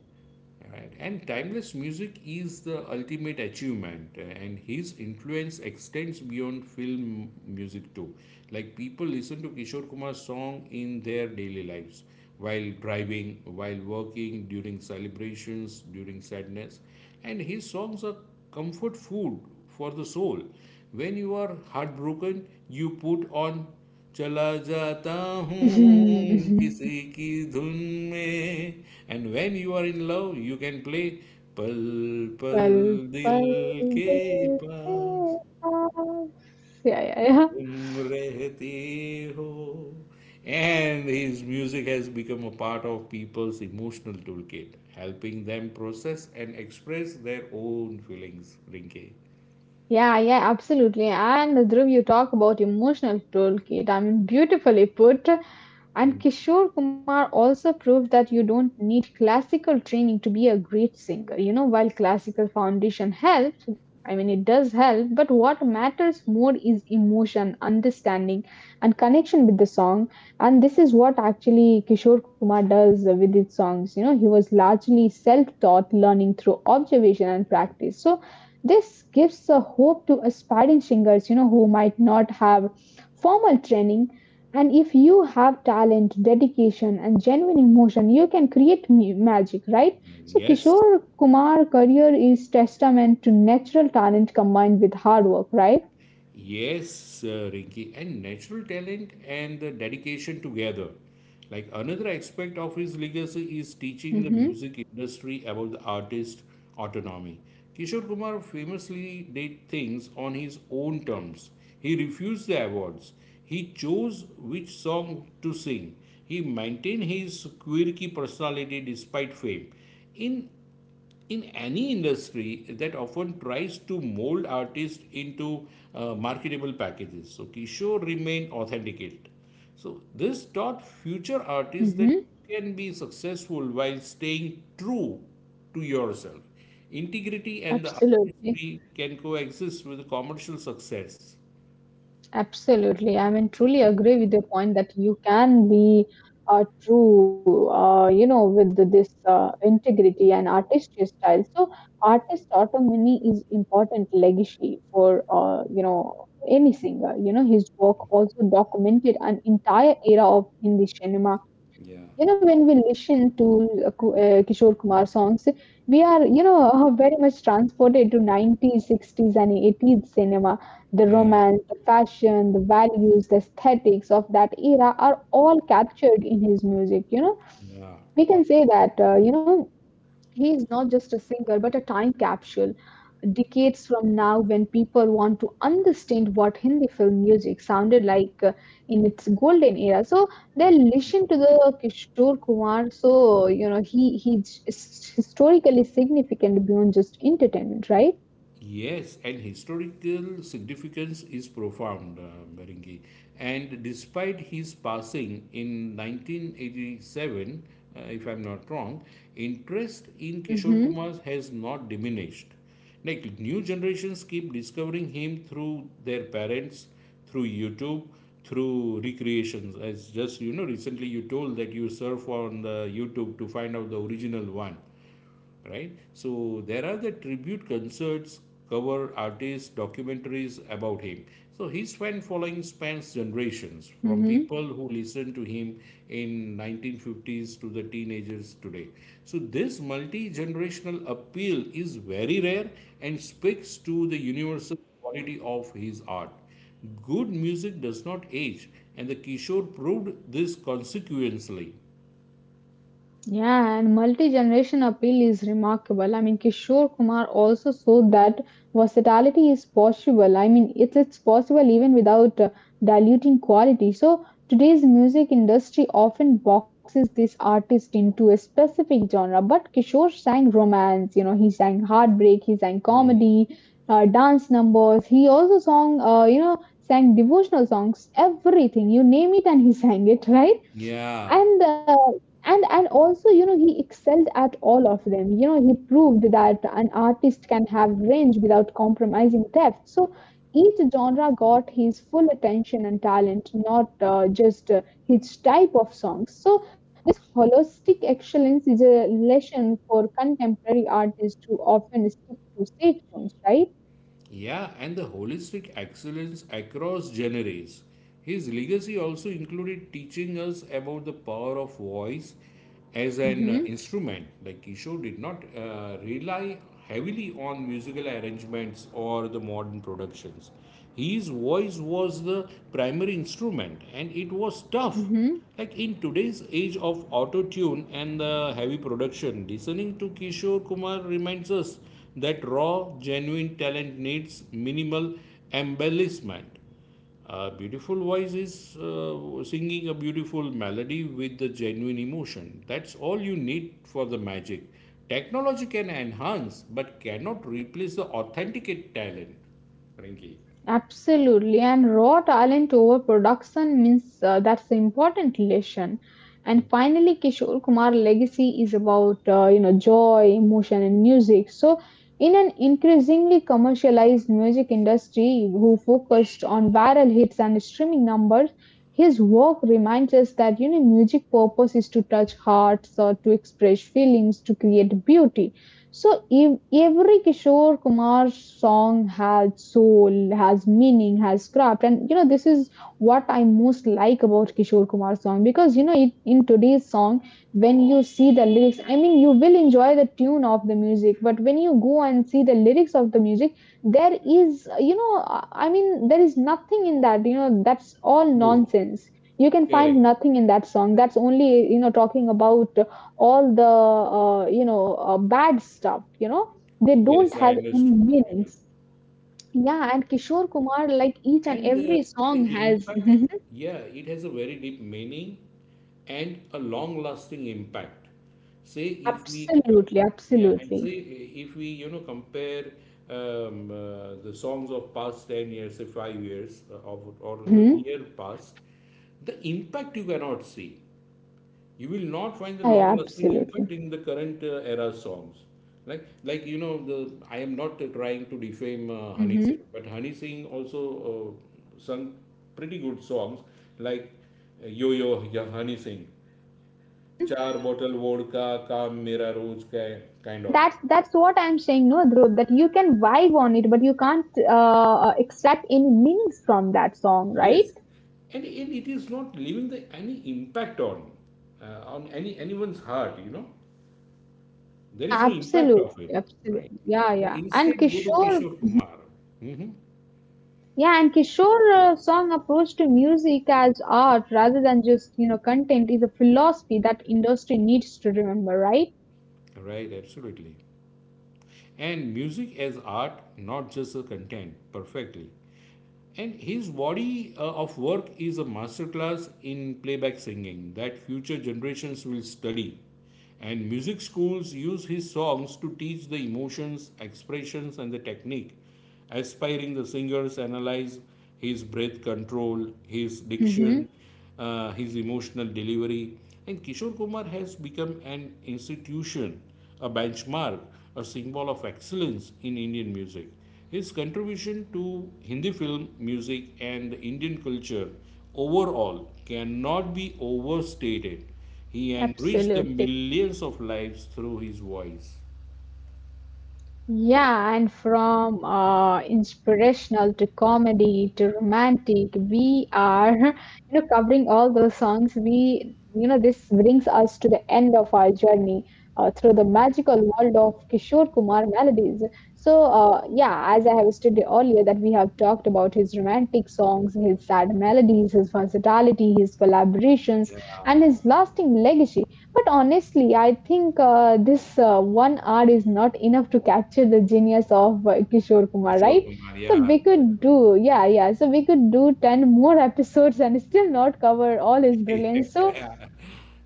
Speaker 2: right. And timeless music is the ultimate achievement, and his influence extends beyond film music too. Like people listen to Kishore Kumar's song in their daily lives, while driving, while working, during celebrations, during sadness, and his songs are comfort food for the soul. When you are heartbroken, you put on चला जाता हूँ किसी की धुन में and when you are in love you can play पल पल
Speaker 1: Pal,
Speaker 2: दिल
Speaker 1: pal,
Speaker 2: के
Speaker 1: del
Speaker 2: पास
Speaker 1: que- ah, Sí, ya, ya, ya.
Speaker 2: तुम रहते हो and his music has become a part of people's emotional toolkit helping them process and express their own feelings Rinki
Speaker 1: Yeah, yeah, absolutely. And Dhruv, you talk about emotional toolkit. I mean, beautifully put. And Kishore Kumar also proved that you don't need classical training to be a great singer. You know, while classical foundation helps, I mean, it does help, but what matters more is emotion, understanding, and connection with the song. And this is what actually Kishore Kumar does with his songs. You know, he was largely self taught, learning through observation and
Speaker 2: या
Speaker 1: practice. So, this gives a hope to aspiring singers, you know, who might not have formal training. And if you have talent, dedication, and genuine emotion, you can create magic, right? So
Speaker 2: yes
Speaker 1: Kishore Kumar career is testament to natural talent combined with hard work, right?
Speaker 2: Yes, Rinky, and natural talent and the dedication together. Like another aspect of his legacy is teaching the
Speaker 1: Mm-hmm.
Speaker 2: music industry about the artist autonomy. Kishore Kumar famously did things on his own terms. He refused the awards. He chose which song to sing. He maintained his quirky personality despite fame. In in any industry that often tries to mold artists into marketable packages. So Kishore remained authenticate. So this taught future artists that
Speaker 1: Mm-hmm.
Speaker 2: you can be successful while staying true to yourself. Integrity and the
Speaker 1: Absolutely.
Speaker 2: artistry can coexist with commercial success.
Speaker 1: Absolutely. I mean, truly agree with your point that you can be true, you know, with this integrity and artistry style. So, artist autonomy is important legacy for, you know, any singer. You know, his work also documented an entire era of Hindi cinema. You know, when we listen to Kishore Kumar songs, we are, you know, very much transported to 90s, 60s, and 80s cinema. The
Speaker 2: Yeah,
Speaker 1: romance, the fashion, the values, the aesthetics of that era are all captured in his music. You know,
Speaker 2: yeah.
Speaker 1: we can say that, you know, he is not just a singer, but a time capsule. Decades from now, when people want to understand what Hindi film music sounded like in its golden era, so they listen to the Kishore Kumar. So you know he's historically significant beyond just entertainment, right?
Speaker 2: Yes, and historical significance is profound, Berenghi. And despite his passing in 1987, if I'm not wrong, interest in Kishore Kumar
Speaker 1: Mm-hmm.
Speaker 2: has not diminished. Like new generations keep discovering him through their parents, through YouTube, through recreations. As just you know, recently you told that you surf on the YouTube to find out the original one, right? So there are the tribute concerts, cover artists, documentaries about him. So his fan following spans generations, from people
Speaker 1: Mm-hmm.
Speaker 2: who listened to him in 1950s to the teenagers today. So this multi-generational appeal is very rare and speaks to the universal quality of his art. Good music does not age, and the Kishore proved this consequently.
Speaker 1: Yeah, and multi-generation appeal is remarkable. I mean, Kishore Kumar also showed that versatility is possible. I mean, it's possible even without diluting quality. So today's music industry often boxes this artist into a specific genre. But Kishore sang romance. You know, he sang heartbreak. He sang comedy, dance numbers. He also sang, you know, sang devotional songs. Everything you name it, and he sang it. Right?
Speaker 2: Yeah.
Speaker 1: And also you know he excelled at all of them. You know, he proved that an artist can have range without compromising depth, so each genre got his full attention and talent, not just his type of songs. So this holistic excellence is a lesson for contemporary artists who often stick to safe zones, right?
Speaker 2: Yeah, and the holistic excellence across generations. His legacy also included teaching us about the power of voice as an
Speaker 1: Hmm.
Speaker 2: instrument. Like Kishore did not rely heavily on musical arrangements or the modern productions. His voice was the primary instrument, and it was tough
Speaker 1: Mm-hmm.
Speaker 2: like in today's age of auto tune and the heavy production. Listening to Kishore Kumar reminds us that raw, genuine talent needs minimal embellishment. A beautiful voice is singing a beautiful melody with the genuine emotion. That's all you need for the magic. Technology can enhance but cannot replace the authenticate talent. Frankie.
Speaker 1: Absolutely, and raw talent over production means that's an important lesson. And finally, Kishore Kumar legacy is about you know, joy, emotion, and music. So, in an increasingly commercialized music industry, who focused on viral hits and streaming numbers. His work reminds us that you know music purpose is to touch hearts or to express feelings, to create beauty. So every Kishore Kumar's song has soul, has meaning, has craft, and you know this is what I most like about Kishore Kumar's song, because
Speaker 2: Yeah.
Speaker 1: you know it, in today's song, when you see the lyrics, I mean you will enjoy the tune of the music, but when you go and see the lyrics of the music, there is, you know, I mean there is nothing in that, you know, that's all
Speaker 2: True.
Speaker 1: nonsense. You can find
Speaker 2: Correct.
Speaker 1: nothing in that song, that's only, you know, talking about all the you know bad stuff. You know, they don't
Speaker 2: Yes, I
Speaker 1: have any
Speaker 2: understood. Yeah.
Speaker 1: meanings. Yeah, and Kishore Kumar, like, each and
Speaker 2: And
Speaker 1: every
Speaker 2: the
Speaker 1: song has
Speaker 2: impact,
Speaker 1: Mhm.
Speaker 2: yeah, it has a very deep meaning and a long lasting impact. Say if we, com-
Speaker 1: Absolutely,
Speaker 2: Yeah, and say
Speaker 1: absolutely.
Speaker 2: if we, you know, compare the songs of past 10 years, say 5 years, of, or the
Speaker 1: Hmm.
Speaker 2: near past, the impact you cannot see. You will not find the
Speaker 1: Yeah, yeah,
Speaker 2: long lasting
Speaker 1: absolutely.
Speaker 2: impact in the current era songs. Like you know, the I am not trying to defame Honey Singh, but Honey Singh also uh, sung pretty good songs like, Yo Yo ya Honey Singh,
Speaker 1: Hmm.
Speaker 2: "Char bottle vodka kaam mera roz ka hai,"
Speaker 1: Yeah,
Speaker 2: kind of.
Speaker 1: that's what I'm saying, no, Dhruv, that you can vibe on it but you can't extract any meanings from that song, right?
Speaker 2: Yes. And it is not leaving the any impact on any anyone's heart, you know. There
Speaker 1: Yeah,
Speaker 2: is no impact of
Speaker 1: absolutely,
Speaker 2: it, right?
Speaker 1: absolutely. Yeah,
Speaker 2: But
Speaker 1: yeah, and
Speaker 2: instead go to
Speaker 1: kishore
Speaker 2: Kishore Kumar. Hmm.
Speaker 1: yeah and Kishore song approach to music as art rather than just you know content is a philosophy that industry needs to remember, right?
Speaker 2: Right, absolutely. And music as art, not just a content, perfectly. And his body of work is a masterclass in playback singing that future generations will study. And music schools use his songs to teach the emotions, expressions, and the technique, aspiring the singers analyze his breath control, his diction,
Speaker 1: Mm-hmm.
Speaker 2: his emotional delivery. And Kishore Kumar has become an institution, a benchmark, a symbol of excellence in Indian music. His contribution to Hindi film, music, and Indian culture overall cannot be overstated. He enriched the
Speaker 1: Absolutely.
Speaker 2: millions of lives through his voice.
Speaker 1: Yeah, and from inspirational to comedy to romantic, we are, you know, covering all those songs. We, you know, this brings us to the end of our journey through the magical world of Kishore Kumar melodies. So, yeah, as I have stated earlier, that we have talked about his romantic songs, his sad melodies, his versatility, his collaborations,
Speaker 2: Yeah,
Speaker 1: and his lasting legacy. But honestly, I think this 1 hour is not enough to capture the genius of Kishore Kumar,
Speaker 2: Kishore
Speaker 1: right?
Speaker 2: Kumar.
Speaker 1: So
Speaker 2: Yeah,
Speaker 1: we could do, yeah, yeah. So we could do 10 more episodes and still not cover all his
Speaker 2: yeah,
Speaker 1: brilliance. So,
Speaker 2: yeah.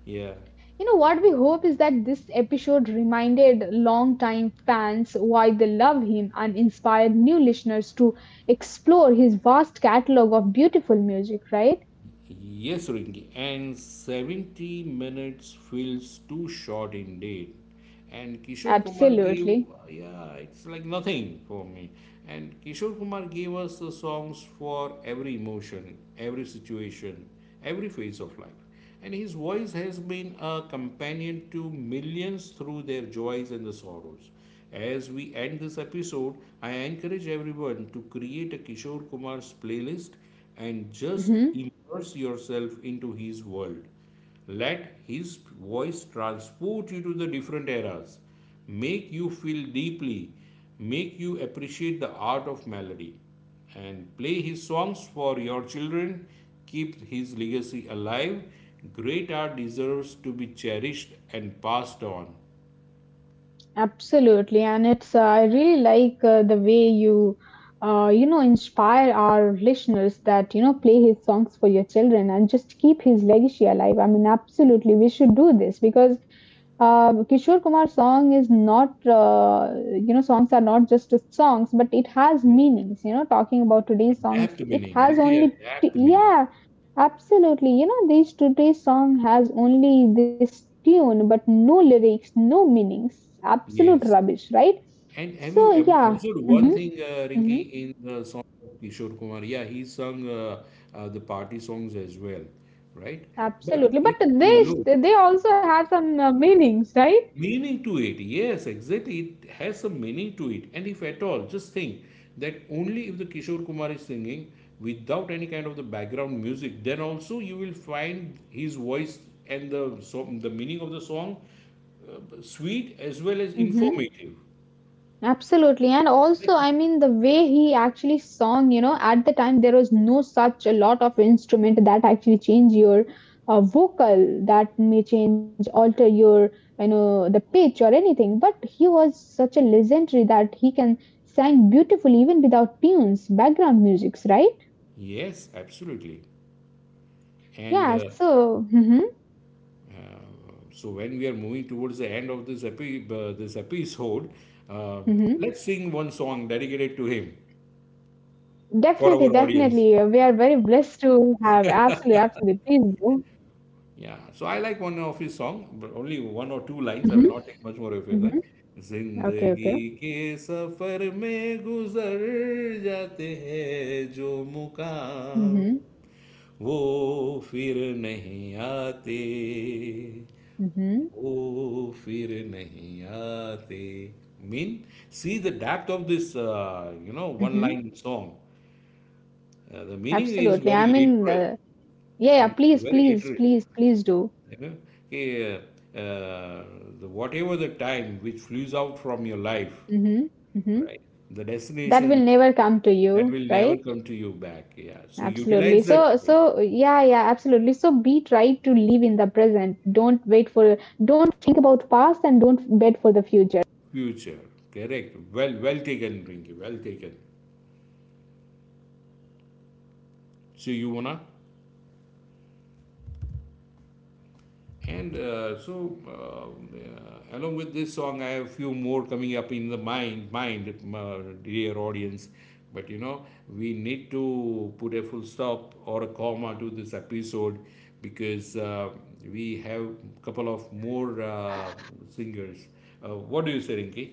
Speaker 2: Yeah.
Speaker 1: you know, what we hope is that this episode reminded longtime fans why they love him and inspired new listeners to explore his vast catalog of beautiful music, right?
Speaker 2: Yes, Rinki, and 70 minutes feels too short indeed. And Kishore Kumar gave,
Speaker 1: Absolutely.
Speaker 2: yeah, it's like nothing for me. And Kishore Kumar gave us the songs for every emotion, every situation, every phase of life. And his voice has been a companion to millions through their joys and the sorrows. As we end this episode, I encourage everyone to create a Kishore Kumar's playlist and just
Speaker 1: Mhm.
Speaker 2: immerse yourself into his world. Let his voice transport you to the different eras, make you feel deeply, make you appreciate the art of melody, and play his songs for your children. Keep his legacy alive. Great art deserves to be cherished and passed on.
Speaker 1: Absolutely, and it's I really like the way you you know inspire our listeners that you know play his songs for your children and just keep his legacy alive. I mean, absolutely, we should do this because Kishore Kumar's song is not, you know, songs are not just songs, but it has meanings. You know, talking about today's songs,
Speaker 2: Adapt
Speaker 1: it
Speaker 2: meaning,
Speaker 1: has
Speaker 2: Rinki,
Speaker 1: only,
Speaker 2: adapt meaning.
Speaker 1: yeah, absolutely. You know, this today's song has only this tune, but no lyrics, no meanings. Absolute
Speaker 2: Yes.
Speaker 1: rubbish, right?
Speaker 2: And have you
Speaker 1: So
Speaker 2: ever
Speaker 1: yeah,
Speaker 2: observed one
Speaker 1: hmm,
Speaker 2: thing,
Speaker 1: hmm,
Speaker 2: Rinki, in the song of Kishore Kumar? Yeah, he sung the party songs as well, right? But
Speaker 1: absolutely. But
Speaker 2: if you
Speaker 1: they
Speaker 2: look,
Speaker 1: they also have some meanings, right?
Speaker 2: meaning to it, yes, exactly, it has some meaning to it. And if at all, just think that only if the Kishore Kumar is singing without any kind of the background music, then also you will find his voice and the so the meaning of the song sweet as well as
Speaker 1: Mm-hmm.
Speaker 2: informative.
Speaker 1: Absolutely. And also,
Speaker 2: Like,
Speaker 1: I mean, the way he actually sung, you know, at the time there was no such a lot of instrument that actually change your vocal, that may change, alter your, you know, the pitch or anything. But he was such a legendary that he can sang beautifully even without tunes, background musics, right?
Speaker 2: yes, absolutely. And
Speaker 1: Yeah. So, hmm,
Speaker 2: uh, so, when we are moving towards the end of this this episode, uh,
Speaker 1: hmm,
Speaker 2: let's sing one song dedicated to him
Speaker 1: definitely,
Speaker 2: for
Speaker 1: definitely.
Speaker 2: our
Speaker 1: We are
Speaker 2: audience.
Speaker 1: very blessed to have. Absolutely, absolutely. Please go.
Speaker 2: Yeah, so I like one of his song, but only one or two lines. I will
Speaker 1: Hmm.
Speaker 2: not take much more of it. Right?
Speaker 1: Hmm. Okay, okay.
Speaker 2: जिंदगी के सफर में गुजर जाते हैं जो मुकाम
Speaker 1: Hmm.
Speaker 2: वो फिर नहीं आते
Speaker 1: Hmm.
Speaker 2: वो फिर नहीं आते mean, see the depth of this you know, one
Speaker 1: Mhm.
Speaker 2: line song. The meaning is
Speaker 1: Absolutely.
Speaker 2: very
Speaker 1: I mean,
Speaker 2: literal.
Speaker 1: yeah, yeah,
Speaker 2: It's
Speaker 1: please,
Speaker 2: very
Speaker 1: please,
Speaker 2: literal,
Speaker 1: please, please do.
Speaker 2: you know, eh, uh, the, whatever the time which flews out from your life,
Speaker 1: Hmm. Hmm.
Speaker 2: right? The
Speaker 1: That will
Speaker 2: destination
Speaker 1: never come to
Speaker 2: that
Speaker 1: you,
Speaker 2: will never
Speaker 1: right?
Speaker 2: come to you back. Yeah. So
Speaker 1: Absolutely.
Speaker 2: utilize that
Speaker 1: So,
Speaker 2: time.
Speaker 1: so yeah, yeah, absolutely. So be try to live in the present. Don't wait for, don't think about past and don't bet for the future.
Speaker 2: Future. Correct. Well, well taken, Rinky. Well taken. So you wanna? And so, along with this song, I have a few more coming up in the mind, uh, dear audience. But you know, we need to put a full stop or a comma to this episode because we have a couple of more singers. What do you say, Rinki?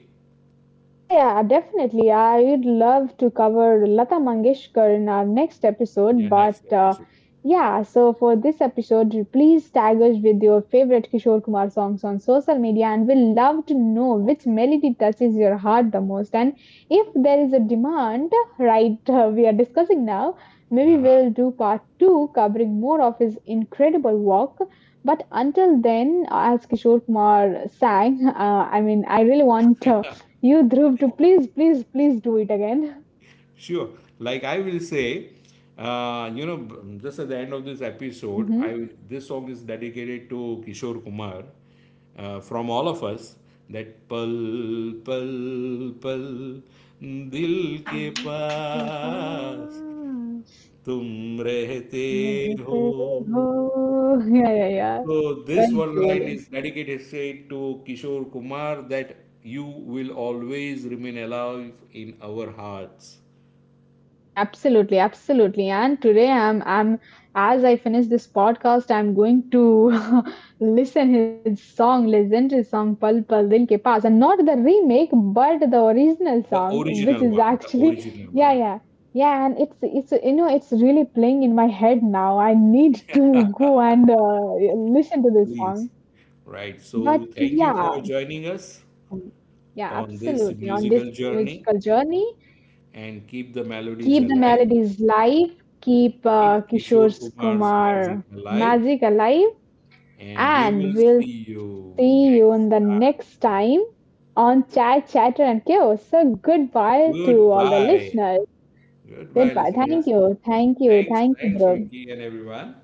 Speaker 1: Yeah, yeah, definitely. I'd love to cover Lata Mangeshkar in our next episode,
Speaker 2: Yeah,
Speaker 1: but
Speaker 2: next episode.
Speaker 1: yeah, so for this episode, please tag us with your favorite Kishore Kumar songs on social media, and we'll love to know which melody touches your heart the most. And if there is a demand, right, we are discussing now, maybe we'll do part two covering more of his incredible work. But until then, as Kishore Kumar sang, I mean, I really want. You Dhruv to please, please, please do it again.
Speaker 2: Sure. Like I will say, you know, just at the end of this episode,
Speaker 1: Hmm.
Speaker 2: I this song is dedicated to Kishore Kumar from all of us. That pal pal pal dil ke
Speaker 1: मेरे
Speaker 2: paas
Speaker 1: पास
Speaker 2: tum rehte
Speaker 1: रहते
Speaker 2: ho.
Speaker 1: हो. Oh, yeah, yeah, yeah.
Speaker 2: So this
Speaker 1: Very
Speaker 2: one line
Speaker 1: truly.
Speaker 2: is dedicated straight to Kishore Kumar that you will always remain alive in our hearts.
Speaker 1: Absolutely, absolutely. And today I'm as I finish this podcast, I'm going to listen his song, listen to his song Pal Pal Dil Ke Paas, and not the remake but the original song which is
Speaker 2: The
Speaker 1: actually
Speaker 2: original
Speaker 1: yeah,
Speaker 2: one,
Speaker 1: yeah. Yeah, and it's you know it's really playing in my head now. I need to go and listen to this song.
Speaker 2: please. Right.
Speaker 1: But
Speaker 2: So, thank
Speaker 1: yeah,
Speaker 2: you for joining us
Speaker 1: yeah,
Speaker 2: on this
Speaker 1: absolutely. On this
Speaker 2: musical journey
Speaker 1: musical journey,
Speaker 2: and keep the melodies
Speaker 1: keep the
Speaker 2: alive.
Speaker 1: melodies live, keep
Speaker 2: Keep Kishore
Speaker 1: Kishore
Speaker 2: Kumar's magic
Speaker 1: Kumar
Speaker 2: alive.
Speaker 1: magic alive,
Speaker 2: And we will
Speaker 1: and we'll
Speaker 2: see you
Speaker 1: see you
Speaker 2: next
Speaker 1: in the
Speaker 2: time.
Speaker 1: next time on Chat, Chatter, and Chaos. So, goodbye to all the
Speaker 2: Goodbye.
Speaker 1: listeners.
Speaker 2: Goodbye,
Speaker 1: Goodbye. Thank
Speaker 2: listeners.
Speaker 1: you. Thank you.
Speaker 2: Thanks.
Speaker 1: Thank you,
Speaker 2: Thanks,
Speaker 1: bro.
Speaker 2: Rinky and everyone.